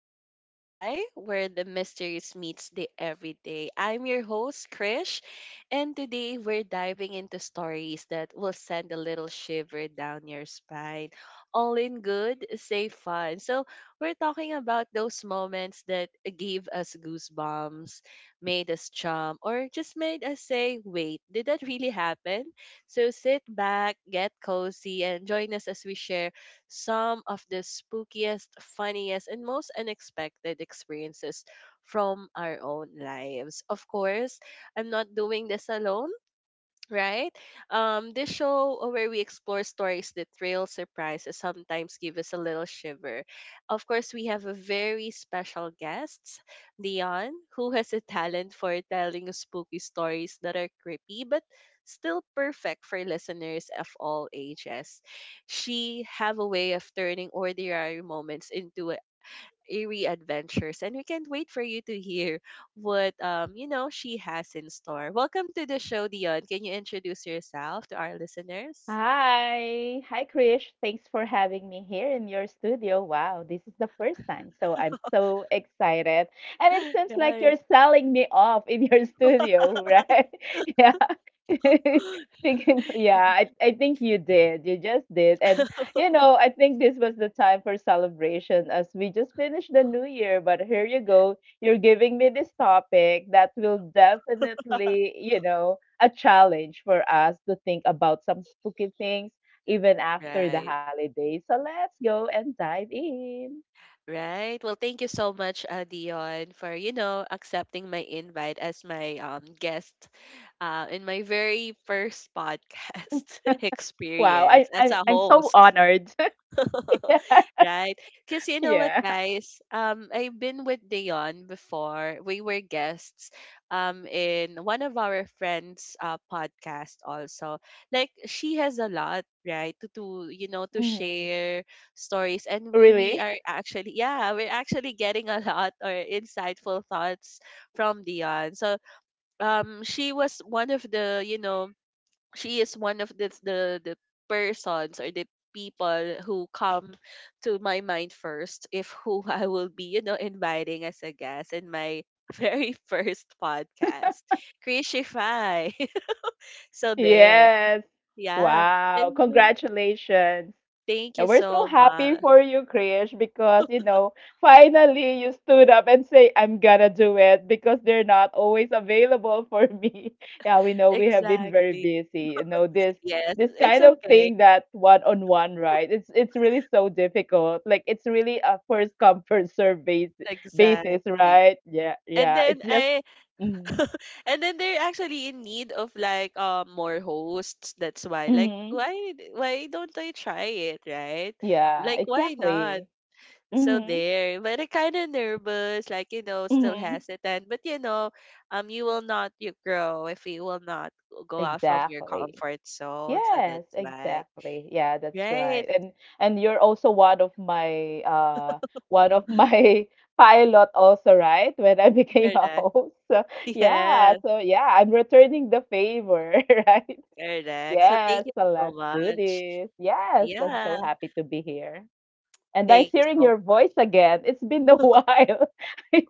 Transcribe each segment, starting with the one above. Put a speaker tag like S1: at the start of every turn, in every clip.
S1: to Krishify, where the mysteries meets the everyday. I'm your host, Krish, and today we're diving into stories that will send a little shiver down your spine. All in good, safe fun. So we're talking about those moments that gave us goosebumps, made us jump, or just made us say, wait, did that really happen? So sit back, get cozy, and join us as we share some of the spookiest, funniest, and most unexpected experiences from our own lives. Of course, I'm not doing this alone, right? This show where we explore stories that thrill, surprise, and sometimes give us a little shiver. Of course, we have a very special guest, Leon, who has a talent for telling us spooky stories that are creepy but still perfect for listeners of all ages. She have a way of turning ordinary moments into eerie adventures, and we can't wait for you to hear what she has in store. Welcome to the show, Dion. Can you introduce yourself to our listeners?
S2: Hi. Hi, Krish. Thanks for having me here in your studio. Wow, this is the first time. So I'm so excited. And it seems like
S1: Right.
S2: you're selling me off in your studio, right? Yeah. Yeah, I think you did. You just did. And, I think this was the time for celebration as we just finished the new year. But here you go. You're giving me this topic that will definitely a challenge for us to think about some spooky things even after the
S1: Right.
S2: holidays. So let's go and dive in.
S1: Right. Well, thank you so much, Dion, for accepting my invite as my guest, in my very first podcast
S2: Wow, I,
S1: experience as
S2: I
S1: a
S2: I'm so
S1: host.
S2: honored.
S1: Right? Because you know what,
S2: Yeah.
S1: guys? I've been with Dion before. We were guests, in one of our friends' podcast also. Like, she has a lot, right? To you know, to
S2: Mhm.
S1: share stories. And we,
S2: Really?
S1: we are actually, yeah, we're actually getting a lot or insightful thoughts from Dion. So, she was one of the, you know, she is one of the persons or the people who come to my mind first if who I will be inviting as a guest in my very first podcast Crisify. So there,
S2: Yes.
S1: yeah. And
S2: Wow.
S1: um,
S2: Congratulations.
S1: thank you
S2: And we're so
S1: so
S2: happy
S1: much.
S2: for you, Krish, because finally you stood up and say, I'm gonna do it because they're not always available for me. Yeah, we know we have been very
S1: Exactly.
S2: busy. This
S1: Yes,
S2: this
S1: it's
S2: kind of
S1: okay.
S2: thing that one on one, right? It's really so difficult. Like it's really a first come, first serve
S1: Exactly.
S2: basis, right? Yeah,
S1: and
S2: yeah. It's
S1: then
S2: just.
S1: I
S2: Mm-hmm.
S1: And then they're actually in need of like more hosts. That's why, like,
S2: Mm-hmm.
S1: why don't I try it, right?
S2: Yeah,
S1: Like, why not?
S2: exactly.
S1: So
S2: Mm-hmm.
S1: there, but I kind of nervous, like you know, still
S2: Mm-hmm.
S1: hesitant. But you know, you will not you grow if you will not go out from your
S2: Exactly.
S1: comfort zone. So
S2: Yes,
S1: that's why,
S2: exactly. Yeah, that's
S1: right?
S2: right. And you're also one of my one of my pilot also, right? When I became a
S1: Correct.
S2: host. So
S1: Yes,
S2: yeah, I'm returning the favor, right?
S1: correct. So
S2: Yes,
S1: thank you
S2: so
S1: so
S2: let's do
S1: much.
S2: this. Yes, I'm
S1: Yeah,
S2: so happy to be here. And nice
S1: thank you
S2: hearing
S1: so.
S2: your voice again. It's been a while. It's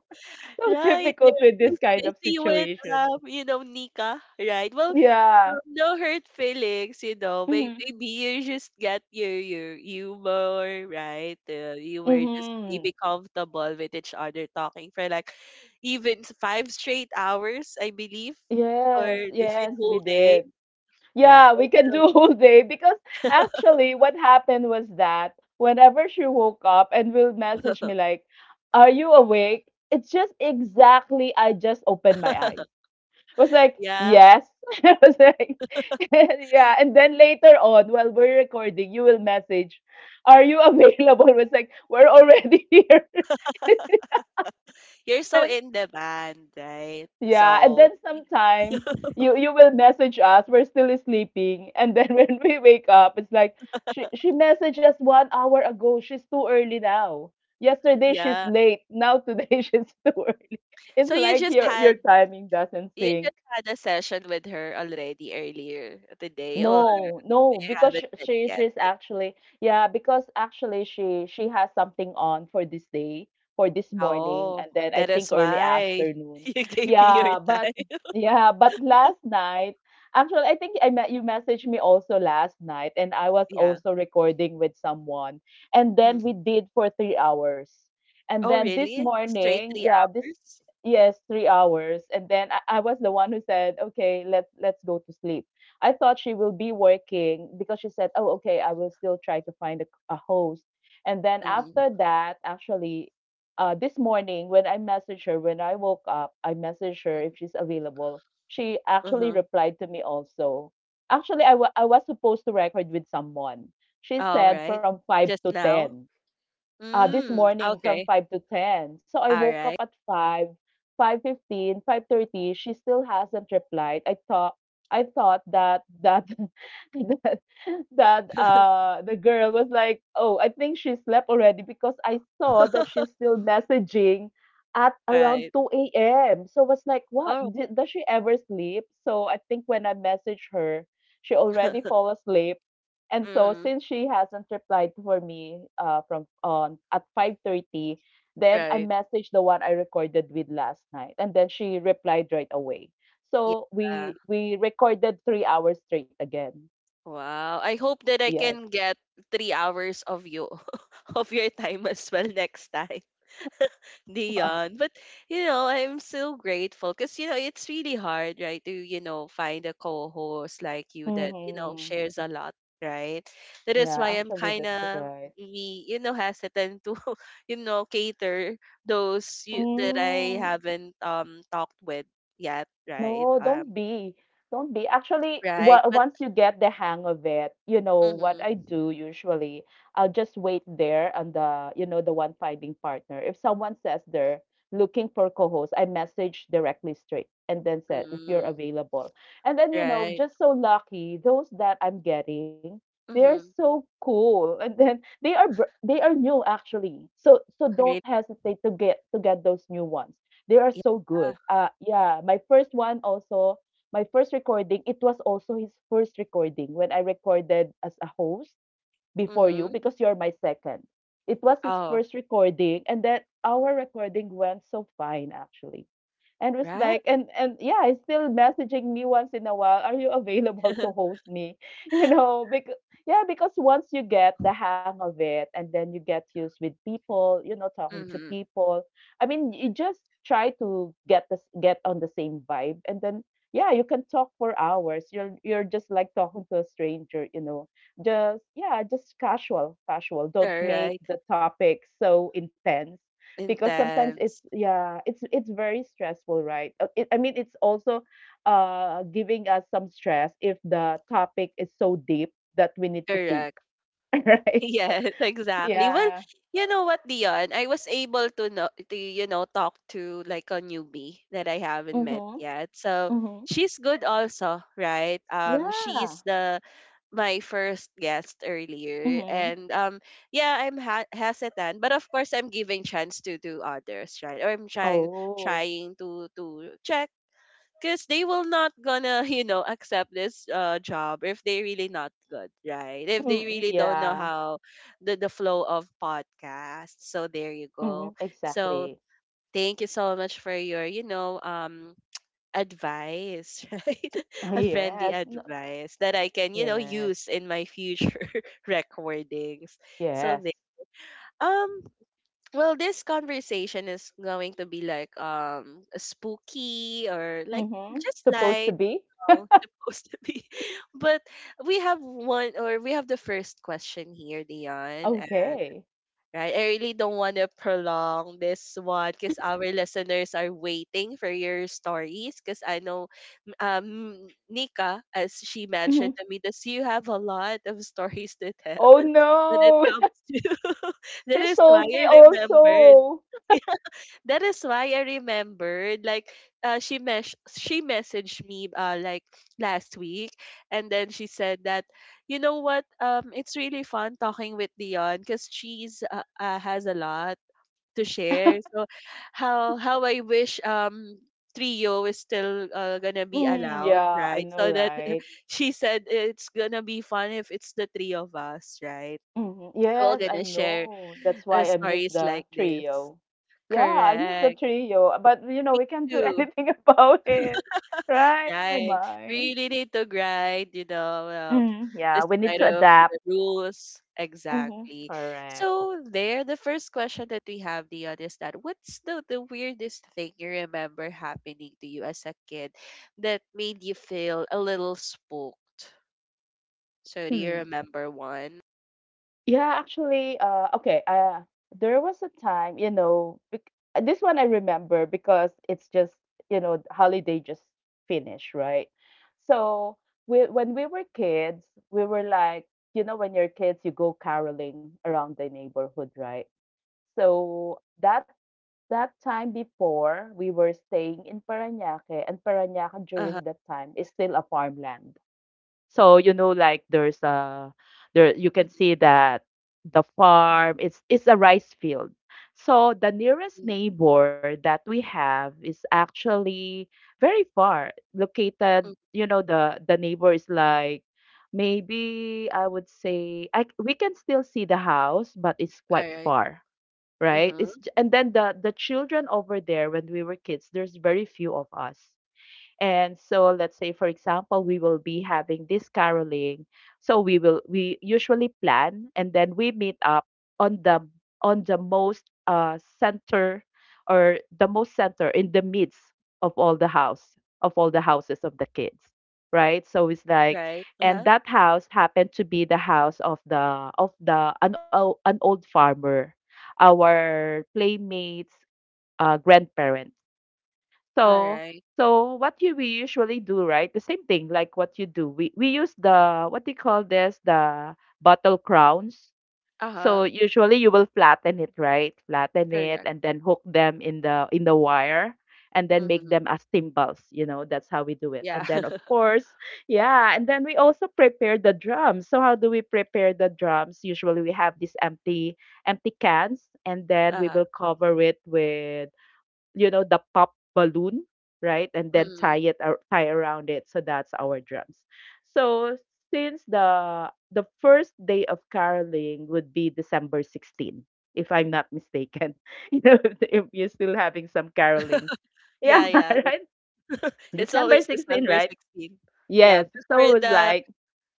S2: so
S1: Right, you're
S2: difficult with this
S1: always
S2: kind of
S1: busy with
S2: situation.
S1: you know, Nika, right? Well,
S2: Yeah.
S1: no hurt feelings, you know.
S2: Mm-hmm.
S1: Maybe you just get your humor, right? You were just
S2: Mm-hmm.
S1: maybe comfortable with each other talking for like five straight hours, I believe, or
S2: Yes,
S1: even
S2: yes, we
S1: whole day,
S2: did.
S1: right?
S2: Yeah, we can do whole day because actually what happened was that whenever she woke up and will message me
S1: So,
S2: like, "Are you awake?" It's just exactly I just opened my eyes. I was like,
S1: yeah,
S2: "Yes." I was like, "Yeah." And then later on, while we're recording, you will message, "Are you available?" I was like, "We're already here."
S1: you're so in demand, right?
S2: Yeah, and then
S1: So,
S2: sometimes you will message us. We're still sleeping, and then when we wake up, it's like she messaged us 1 hour ago. She's too early now. Yesterday she's
S1: yeah.
S2: late. Now today she's too early. It's
S1: So
S2: like your timing doesn't
S1: you
S2: sync.
S1: just had a session with her already earlier today, or
S2: No, no,
S1: you
S2: because
S1: haven't
S2: sh-
S1: met
S2: she
S1: yet?
S2: she's actually, yeah, because actually she has something on for this day, for this morning,
S1: Oh,
S2: and then I
S1: that
S2: think
S1: is
S2: early
S1: why
S2: afternoon.
S1: you gave me your
S2: Yeah, but
S1: time.
S2: yeah, but last night, actually I think I met you messaged me also last night, and I was
S1: Yeah.
S2: also recording with someone, and then we
S1: Mhm.
S2: did for 3 hours, and
S1: Oh,
S2: then this
S1: really? Straight
S2: morning,
S1: three
S2: yeah, this.
S1: hours?
S2: Yes, 3 hours, and then I was the one who said, "Okay, let's go to sleep." I thought she will be working because she said, "Oh, okay, I will still try to find a host." And then
S1: Mm-hmm.
S2: after that, actually, this morning when I messaged her, when I woke up, I messaged her if she's available. She actually
S1: Uh-huh.
S2: replied to me also. Actually, I was supposed to record with someone. She
S1: All
S2: said
S1: right.
S2: from 5
S1: Just
S2: to
S1: now?
S2: 10. This
S1: Mm,
S2: morning from
S1: okay.
S2: 5 to 10. So I
S1: All
S2: woke up
S1: right.
S2: at 5, 5:15, 5:30. She still hasn't replied. I thought that that that the girl was like, "Oh, I think she slept already because I saw that she's still messaging at around
S1: Right.
S2: 2 a.m." So I was like, "What?
S1: Oh.
S2: Does she ever sleep?" So I think when I messaged her, she already fall asleep. And so
S1: Mm-hmm.
S2: since she hasn't replied for me from on at 5:30, then I
S1: Right.
S2: messaged the one I recorded with last night, and then she replied right away. So
S1: Yeah.
S2: we recorded 3 hours straight again.
S1: Wow. I hope that I
S2: Yes.
S1: can get 3 hours of you, of your time as well next time, Dion. But you know, I'm so grateful because you know it's really hard, right, to you know find a co-host like you that you know
S2: Hmm.
S1: shares a lot, right? That is
S2: Yeah,
S1: why I'm
S2: actually,
S1: kind
S2: that's
S1: of
S2: right.
S1: me, you know, hesitant to you know cater those you, that I
S2: Mm.
S1: haven't talked with yet, right?
S2: No, don't be. Don't be. Actually,
S1: Right,
S2: wa
S1: but
S2: once you get the hang of it, you know what I
S1: mm-hmm,
S2: do usually, I'll just wait there on the, the one finding partner. If someone says they're looking for co-host, I message directly straight and then said if you're
S1: mm-hmm,
S2: available. And then,
S1: right,
S2: just so lucky, those that I'm getting, they're
S1: mm-hmm,
S2: so cool. And then they are new actually. So don't
S1: really,
S2: hesitate to get those new ones, they are so
S1: yeah,
S2: good. Yeah, my first one also, my first recording, it was also his first recording when I recorded as a host before you
S1: mm-hmm,
S2: because you're my second. It was his
S1: oh,
S2: first recording, and then our recording went so fine actually, and was
S1: right.
S2: like, and yeah, he's still messaging me once in a while, are you available to host me? Because yeah because once you get the hang of it, and then you get used with people, talking to
S1: Mm-hmm.
S2: people. I mean, you just try to get on the same vibe, and then, yeah, you can talk for hours. You're just like talking to a stranger, just, yeah, just casual, casual,
S1: All
S2: don't make
S1: right.
S2: the topic so intense, because sometimes it's,
S1: Intense.
S2: yeah, it's very stressful, right? I mean it's also giving us some stress if the topic is so deep that we need to think.
S1: Correct.
S2: Right.
S1: Yes, exactly. Well,
S2: Yeah.
S1: you know what, Dion? I was able to know to, you know, talk to like a newbie that I haven't met
S2: Mm-hmm.
S1: yet. So
S2: Mm-hmm.
S1: she's good also, right?
S2: Yeah.
S1: She's the my first guest earlier
S2: Mm-hmm.
S1: and yeah, hesitant, but of course I'm giving chance to others, right? Or I'm
S2: Oh.
S1: trying to check because they will not gonna you know accept this job if they really not good, right? If they
S2: Mm.
S1: really don't know
S2: Yeah.
S1: how the flow of podcast, so there you
S2: Mm-hmm.
S1: go. So
S2: Exactly.
S1: thank you so much for your you know advice, right? A friendly
S2: Yes. No,
S1: advice that I can you know
S2: yes,
S1: use in my future recordings. So
S2: yes.
S1: there, um, well, this conversation is going to be like spooky or like
S2: Mm-hmm.
S1: just
S2: Supposed
S1: light,
S2: to be.
S1: all supposed to be. But we have one, or we have the first question here, Dion. And
S2: Okay.
S1: right, I really don't want to prolong this one because our listeners are waiting for your stories. Because I know, Nika, as she
S2: Mm-hmm.
S1: mentioned to me, does you have a lot of stories to tell
S2: Oh
S1: when it
S2: no.
S1: comes to. That
S2: She
S1: is why
S2: sold me
S1: I remembered.
S2: also.
S1: That is why I remembered, like, she messaged me like last week, and then she said that, you know what, it's really fun talking with Dion because she's has a lot to share. So, how I wish trio is still gonna be
S2: Mm,
S1: allowed,
S2: yeah, I
S1: right?
S2: know,
S1: So that
S2: right?
S1: she said it's gonna be fun if it's the three of us, right?
S2: Mhm.
S1: We're all
S2: Yes, I
S1: gonna share
S2: know. That's why I miss
S1: stories
S2: the
S1: like this.
S2: trio. Yeah, I miss the
S1: Correct.
S2: trio, but we can't do anything about it, right? Oh
S1: Right.
S2: my.
S1: We really need to grind, you know,
S2: Mm, yeah, we need
S1: despite
S2: to
S1: of
S2: adapt.
S1: the rules.
S2: Hmm.
S1: Exactly.
S2: Correct.
S1: So there, the first question that we have, Dion, is that what's the weirdest thing you remember happening to you as a kid that made you feel a little spooked? So do you
S2: Mm.
S1: remember one?
S2: Yeah, actually, okay. There was a time, this one I remember because it's just, the holiday just finished, right? So when we were kids, we were like, when you're kids, you go caroling around the neighborhood, right? So that time before, we were staying in Parañaque, and Parañaque during
S1: Uh-huh.
S2: that time is still a farmland. So like there you can see
S1: Mm-hmm.
S2: that the
S1: Mm-hmm.
S2: farm it's a rice field. So the nearest
S1: Mm-hmm.
S2: neighbor that we have is actually very far located.
S1: Mm-hmm.
S2: You know, the neighbor is like maybe I would say we can still see the house, but it's
S1: All
S2: quite
S1: right.
S2: far, right?
S1: Mm-hmm.
S2: And then the children over there, when we were kids, there's very few of us, and so let's say for example we will be having this caroling, so we will, we usually plan and then we meet up on the most center, or the most center in the midst of all the houses of the kids, right? So it's like,
S1: Right.
S2: and
S1: Uh-huh.
S2: that house happened to be the house of the an old farmer, our playmates' grandparents.
S1: All
S2: So
S1: right.
S2: what you we usually do, right? The same thing like what you do. We use the, what do you call this? The bottle crowns. So
S1: Uh-huh.
S2: usually you will flatten it, right? Flatten it
S1: Correct.
S2: and then hook them in the wire and then make
S1: Mm-hmm.
S2: them as timbals, you know, that's how we do it.
S1: Yeah.
S2: And then, of course, yeah, and then we also prepare the drums. So how do we prepare the drums? Usually we have these empty cans and then we
S1: Uh-huh.
S2: will cover it with, you know, the pop balloon, right? And then
S1: Mm-hmm.
S2: tie around it. So that's our drums. So since the first day of caroling would be December 16th, if I'm not mistaken. You know, if you're still having some carolings. Yeah,
S1: Yeah, yeah.
S2: right?
S1: It's
S2: December
S1: always
S2: sixteenth,
S1: December
S2: right?
S1: 16. Yeah,
S2: Yes. So it
S1: before
S2: was like,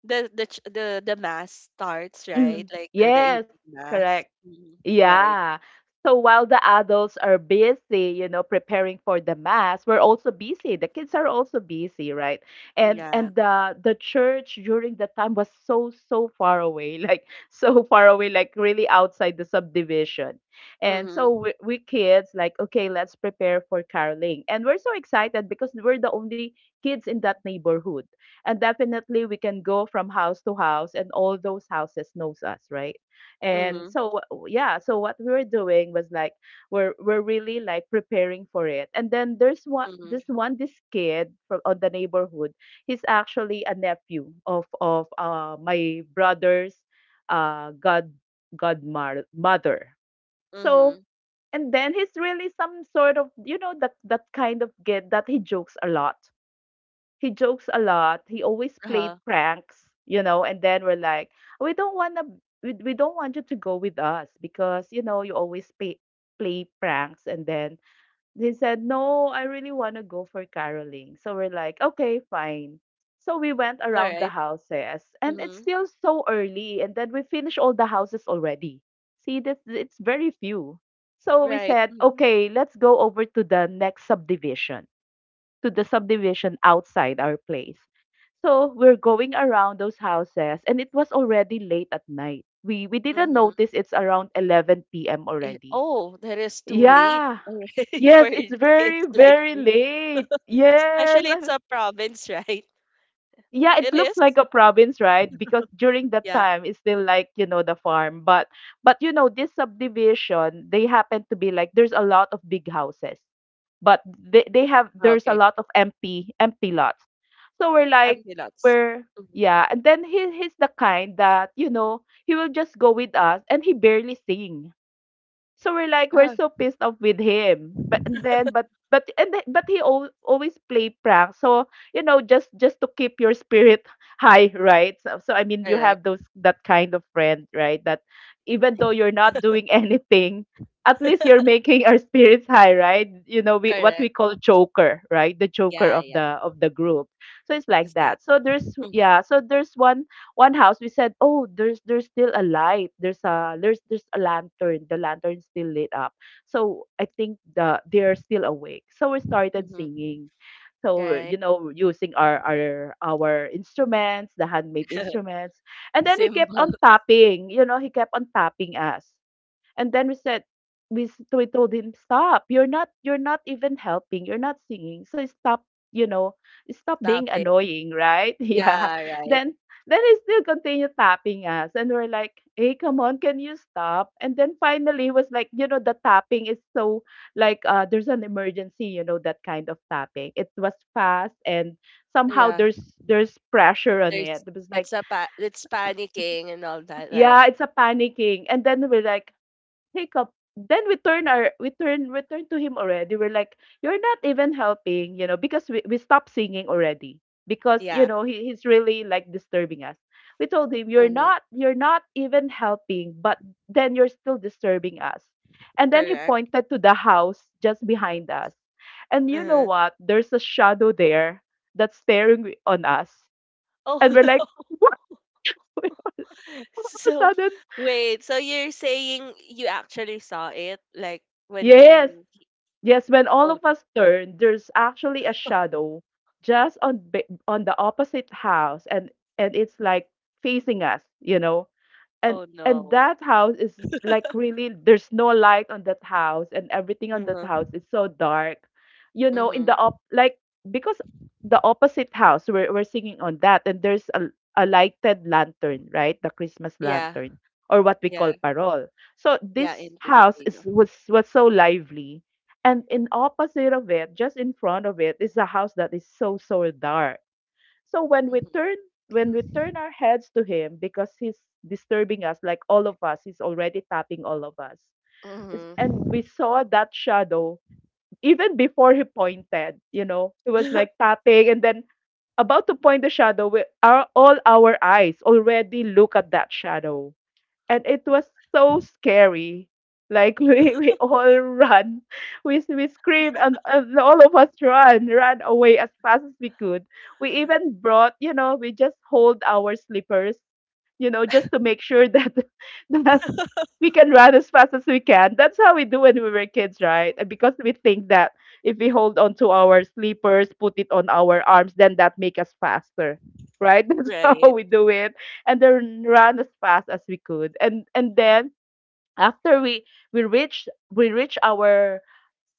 S1: the mass starts, right?
S2: mm,
S1: Like the
S2: yes,
S1: evening mass.
S2: correct.
S1: Hmm. Right.
S2: Yeah. So while the adults are busy, you know, preparing for the mass, we're also busy. The kids are also busy, right? And
S1: Yeah.
S2: and the church during that time was so, so far away, like so far away, like really outside the subdivision. And so
S1: Mhm.
S2: we kids like, okay, let's prepare for caroling. And we're so excited because we're the only kids in that neighborhood. And definitely we can go from house to house and all those houses knows us, right? And
S1: Mhm.
S2: so, yeah, so what we were doing was like, we're really like preparing for it. And then there's
S1: Mhm.
S2: one this kid from on the neighborhood. He's actually a nephew of my brother's uh god godmother mother. So
S1: Mhm.
S2: and then he's really some sort of, that kind of kid, that he jokes a lot. He always played
S1: Uh-huh.
S2: pranks, you know, and then we're like, we don't want to we don't want you to go with us because, you know, you always play pranks, and then he said, "No, I really want to go for caroling." So we're like, "Okay, fine." So we went
S1: All
S2: around the
S1: right.
S2: houses and it's
S1: Mhm.
S2: still so early, and then we finished all the houses already. See, that it's very few. So we
S1: Right.
S2: said,
S1: Mhm.
S2: "Okay, let's go over to the next subdivision." To the subdivision outside our place. So we're going around those houses, and it was already late at night. We didn't
S1: Mhm.
S2: notice it's around 11 p.m.
S1: Eh,
S2: already.
S1: oh, that is too late
S2: Yeah.
S1: already
S2: Yes,
S1: for
S2: it's
S1: kids
S2: very
S1: like
S2: very
S1: you.
S2: late. Yes.
S1: Especially it's a province, right?
S2: Yeah, it
S1: It
S2: looks
S1: is.
S2: like a province, right? Because during that
S1: Yeah.
S2: time, it's still like, you know, the farm. But you know, this subdivision, they happen to be like there's a lot of big houses, but they have there's a
S1: Okay.
S2: lot of empty lots. So we're
S1: I'm
S2: like,
S1: nuts.
S2: we're
S1: Mm-hmm.
S2: yeah. And then he's the kind that, you know, he will just go with us, and he barely sing. So we're like, we're
S1: Ah,
S2: so pissed off with him. But he always play prank. So, you know, just to keep your spirit high, right? So, I mean, you
S1: correct.
S2: have those that kind of friend, right? That even though you're not doing anything, at least you're making our spirits high, right? You know, we what we
S1: Correct.
S2: call joker, right? The joker
S1: Yeah,
S2: of
S1: yeah.
S2: the group. So it's like that.
S1: Exactly.
S2: So there's
S1: Mhm,
S2: Yeah. So there's one house, we said, "Oh, there's still a light, there's a there's there's a lantern, the lantern's still lit up, so I think they're still awake," so we started
S1: mhm.
S2: singing. So,
S1: Right.
S2: you know, using our instruments, the handmade instruments. And then he
S1: Simple
S2: kept on tapping you know he kept on tapping us. And then we said, we told him, "Stop. You're not even helping. You're not singing. So stop, you know, stop being
S1: topic.
S2: annoying, right?" Yeah.
S1: Yeah, right.
S2: Then then he still continued tapping us, and we're like, "Hey, come on, can you stop?" And then finally he was like, you know, the tapping is so like, there's an emergency, you know, that kind of tapping. It was fast, and somehow
S1: Yeah.
S2: there's pressure on it.
S1: There's
S2: It was like,
S1: it's panicking and all that. Like
S2: yeah, it's a panicking. And then we're like, hiccup. Then we turn to him already. We're like, "You're not even helping, you know, because we stopped singing already. Because, you
S1: yeah.
S2: know, he's really like disturbing us." We told him, "You're
S1: Hmm.
S2: not even helping, but then you're still disturbing us." And then he
S1: Correct.
S2: pointed to the house just behind us. And you know
S1: Uh-huh.
S2: what? There's a shadow there that's staring on us.
S1: Oh,
S2: And we're like, "What?" All of a
S1: so
S2: sudden,
S1: wait. So you're saying you actually saw it, like
S2: yes,
S1: when?
S2: yes, when all
S1: Oh,
S2: of us turn, there's actually a shadow just on the opposite house, and it's like facing us, you know, and
S1: oh
S2: and
S1: no.
S2: that house is like really, there's no light on that house, and everything on that
S1: Mm-hmm.
S2: house is so dark, you know, in the
S1: Mm-hmm.
S2: op like, because the opposite house, we're singing on that, and there's a lighted lantern, right, the Christmas
S1: Yeah.
S2: lantern, or what we call
S1: Yeah.
S2: parol. So
S1: Yeah.
S2: this
S1: In
S2: house is
S1: Filipino.
S2: was so lively, and in opposite of it, just in front of it, is a house that is so so dark. So when we
S1: Mm-hmm.
S2: turn when we turn our heads to him, because he's disturbing us, like all of us, he's already tapping all of us. And
S1: Mm-hmm.
S2: we saw that shadow even before he pointed, you know, he was like tapping, and then about to point the shadow, we, our, all our eyes already look at that shadow, and it was so scary. Like, we all run, we scream, and all of us run, away as fast as we could. We even brought, you know, we just hold our slippers, you know, just to make sure that that we can run as fast as we can. That's how we do when we were kids, right? And because we think that if we hold on to our sleepers, put it on our arms, then that make us faster. Right? That's
S1: Right.
S2: how we do it. And then run as fast as we could. And then after we reach our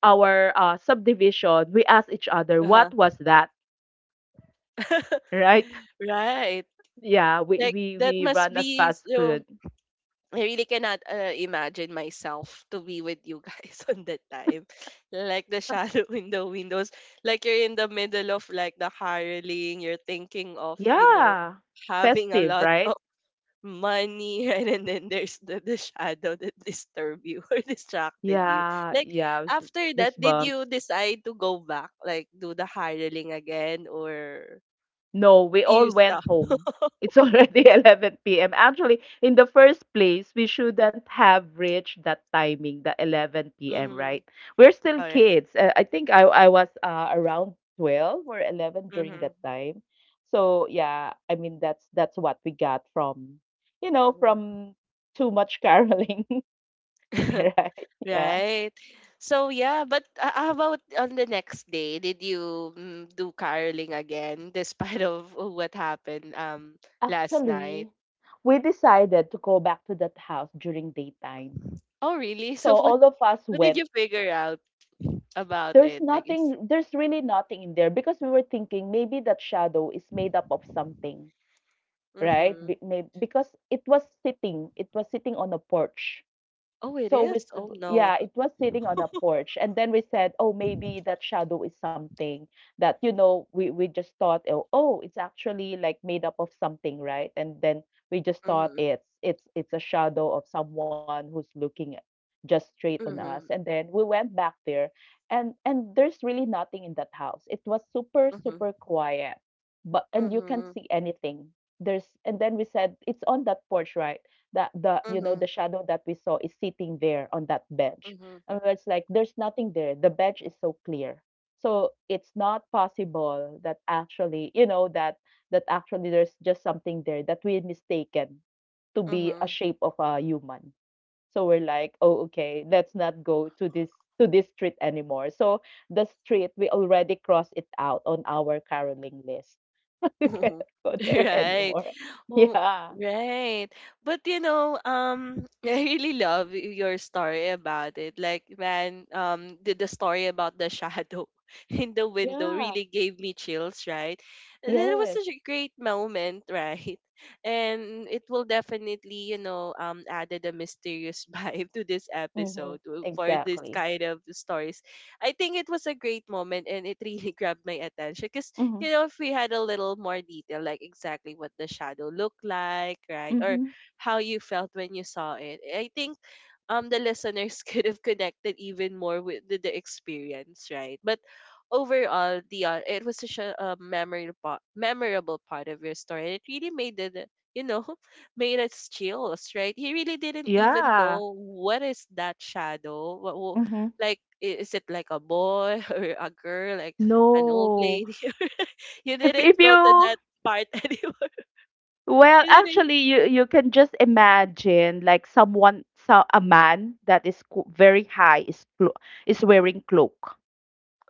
S2: our uh, subdivision, we ask each other,
S1: Uh-huh.
S2: "What was that, right?"
S1: Right.
S2: Yeah, we
S1: Like
S2: we
S1: that
S2: we
S1: must
S2: run as
S1: be
S2: fast as
S1: so
S2: could.
S1: I really cannot imagine myself to be with you guys on that time. Like the shadow in the windows. Like you're in the middle of like the hiring, you're thinking of, you know,
S2: Yeah.
S1: having a
S2: Festive,
S1: lot
S2: right?
S1: of money, right? And then there's the shadow that disturb you or distracted you.
S2: Yeah,
S1: Like
S2: yeah, it was
S1: after that, did
S2: goosebumps.
S1: you decide to go back? Like do the hiring again or
S2: No, we all
S1: you
S2: went
S1: stop?
S2: home. It's already 11 p.m. Actually, in the first place, we shouldn't have reached that timing, the 11 p.m.,
S1: Mm,
S2: right? We're still
S1: all right.
S2: kids. I think I was around 12 or 11 during
S1: Mm-hmm.
S2: that time. So, yeah, I mean, that's what we got from, you know, from too much caroling, right? Yeah.
S1: Right? So yeah, but how about on the next day? Did you mm, do caroling again, despite of what happened last night?
S2: Actually, we decided to go back to that house during daytime.
S1: Oh really?
S2: So
S1: So
S2: all of us
S1: what did
S2: went.
S1: you figure out about
S2: There's
S1: it? Like is
S2: nothing, there's really nothing in there, because we were thinking maybe that shadow is made up of something, right?
S1: mm-hmm.
S2: Because it was sitting on a porch.
S1: Oh it
S2: So we,
S1: is?
S2: s-
S1: Oh no.
S2: yeah, it was sitting on a porch, and then we said, "Oh, maybe that shadow is something that, you know, we just thought, oh, it's actually like made up of something, right?" And then we just thought
S1: Mm-hmm.
S2: it's a shadow of someone who's looking at- just straight on us. And
S1: Mm-hmm.
S2: then we went back there, and there's really nothing in that house. It was super
S1: Mm-hmm.
S2: super quiet, but, and you can't
S1: Mm-hmm.
S2: see anything. There's And then we said, it's on that porch, right? That the, you know,
S1: Mm-hmm.
S2: the shadow that we saw is sitting there on that bench, and it's like there's nothing there, the bench is so clear, so it's not possible that actually, you know, that, that actually there's just something there that we mistaken to be a
S1: Mm-hmm.
S2: shape of a human. So we're like, "Oh, okay, let's not go to this street anymore." So the street, we already crossed it out on our caroling list. We
S1: Mhm.
S2: cannot go there
S1: Right.
S2: anymore.
S1: Oh,
S2: Yeah,
S1: right. But you know, I really love your story about it. Like, man, the story about the shadow in the window
S2: yeah,
S1: really gave me chills, right? And it was
S2: yes.
S1: such a great moment, right? And it will definitely, you know, added a mysterious vibe to this
S2: Mhm.
S1: episode for this
S2: Exactly.
S1: kind of stories. I think it was a great moment and it really grabbed my attention, 'cause
S2: Mhm.
S1: you know, if we had a little more detail, like exactly what the shadow looked like, right? Or
S2: Mhm.
S1: how you felt when you saw it. I think the listeners could have connected even more with the experience, right? But overall, the it was such a, memorable part of your story. It really made it you know made us chills, right? He really didn't even
S2: Yeah.
S1: know what is that shadow, what,
S2: Mhm.
S1: like is it like a boy or a girl like an old
S2: No.
S1: lady? You didn't
S2: If
S1: go to
S2: you
S1: that part anymore.
S2: Well,
S1: You didn't.
S2: actually, you can just imagine like someone, so a man that is very high, is wearing cloak.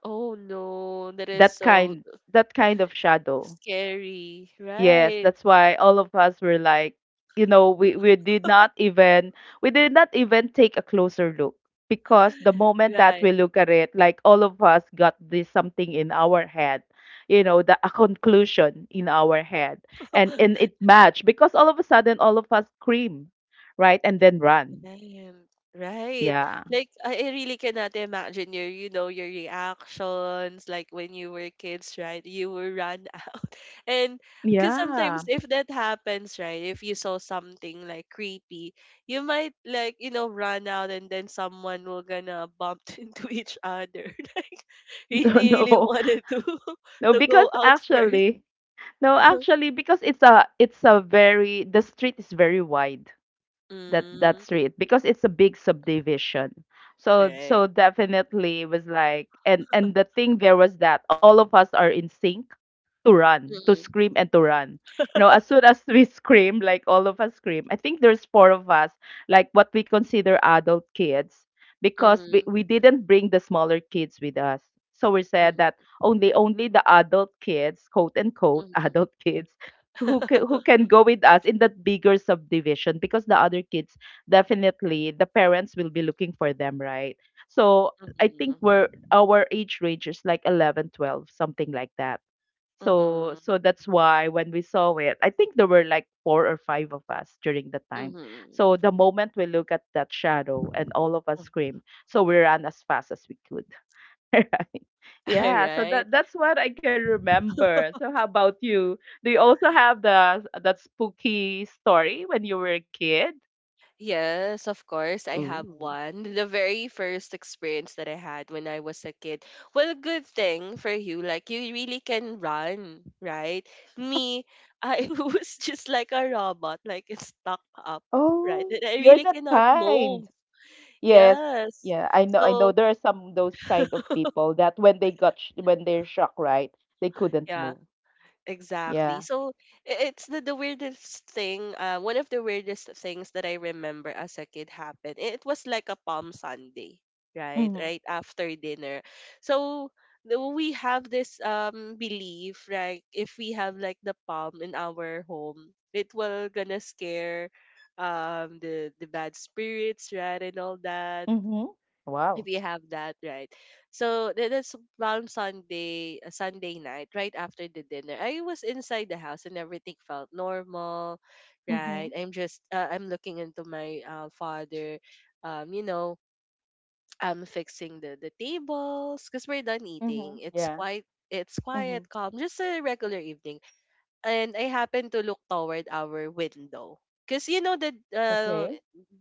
S1: Oh no, that is
S2: That
S1: so
S2: kind that kind of shadow.
S1: scary.
S2: Yes,
S1: Right.
S2: that's why all of us were like, you know, we did not even we did not even take a closer look, because the moment that we
S1: Right.
S2: look at it, like all of us got this something in our head, you know, the a conclusion in our head, and it matched because all of a sudden all of us scream, right, and then run.
S1: Right, right.
S2: Yeah,
S1: Like I really cannot imagine your, you know, your reactions like when you were kids, right? You were run out. And because sometimes
S2: yeah,
S1: if that happens, right, if you saw something like creepy, you might like, you know, run out and then someone will gonna bump into each other. Like
S2: no,
S1: they really
S2: no,
S1: wanted to
S2: no,
S1: to
S2: because
S1: go out first.
S2: actually, no, actually, because it's a very the street is very wide, that
S1: Mm,
S2: street, because it's a big subdivision. so
S1: right.
S2: so definitely it was like, and the thing there was that all of us are in sync, to run, to
S1: Mm-mm,
S2: scream, and to run, you know, as soon as we scream, like all of us scream. I think there's four of us, like what we consider adult kids, because we,
S1: mm-mm,
S2: we didn't bring the smaller kids with us. So we said that only the adult kids, quote unquote,
S1: mm-mm.
S2: adult kids who can, who can go with us in that bigger subdivision, because the other kids, definitely the parents will be looking for them, right? So I think
S1: Mhm.
S2: we're, our age range is like 11, 12, something like that. so
S1: Mhm.
S2: so that's why when we saw it, I think there were like four or five of us during the time.
S1: Mhm.
S2: So the moment we look at that shadow and all of us scream, so we ran as fast as we could. Right.
S1: All
S2: Yeah, so
S1: right.
S2: that's what I can remember. So how about you? Do you also have the that spooky story when you were a kid?
S1: Yes, of course, I have
S2: Ooh.
S1: one. The very first experience that I had when I was a kid. Well, good thing for you. Like, you really can run, right? Me, I was just like a robot, like it's stuck up, right?
S2: Oh,
S1: And I
S2: you're
S1: really
S2: that
S1: cannot
S2: kind.
S1: move.
S2: Yes.
S1: Yes.
S2: Yeah, I know
S1: So,
S2: there are some those kind of people that when they're shocked, right, they couldn't
S1: yeah.
S2: move.
S1: Exactly.
S2: Yeah.
S1: So it's the weirdest thing. One of the weirdest things that I remember as a kid happened. It was like a Palm Sunday, right?
S2: Mm-hmm.
S1: Right after dinner. So we have this belief, like if we have like the palm in our home, it will gonna scare the bad spirits, right, and all that
S2: Mm-hmm. Wow.
S1: if you have that, right. So that's around Sunday, Sunday night right after the dinner. I was inside the house and everything felt normal,
S2: Mm-hmm.
S1: right? I'm just uh, i'm looking into my father um you know I'm fixing the tables because we're done
S2: Mm-hmm.
S1: eating.
S2: Yeah.
S1: It's
S2: Mm-hmm.
S1: quiet, calm, just a regular evening. And I happened to look toward our window. Because you know that,
S2: Okay.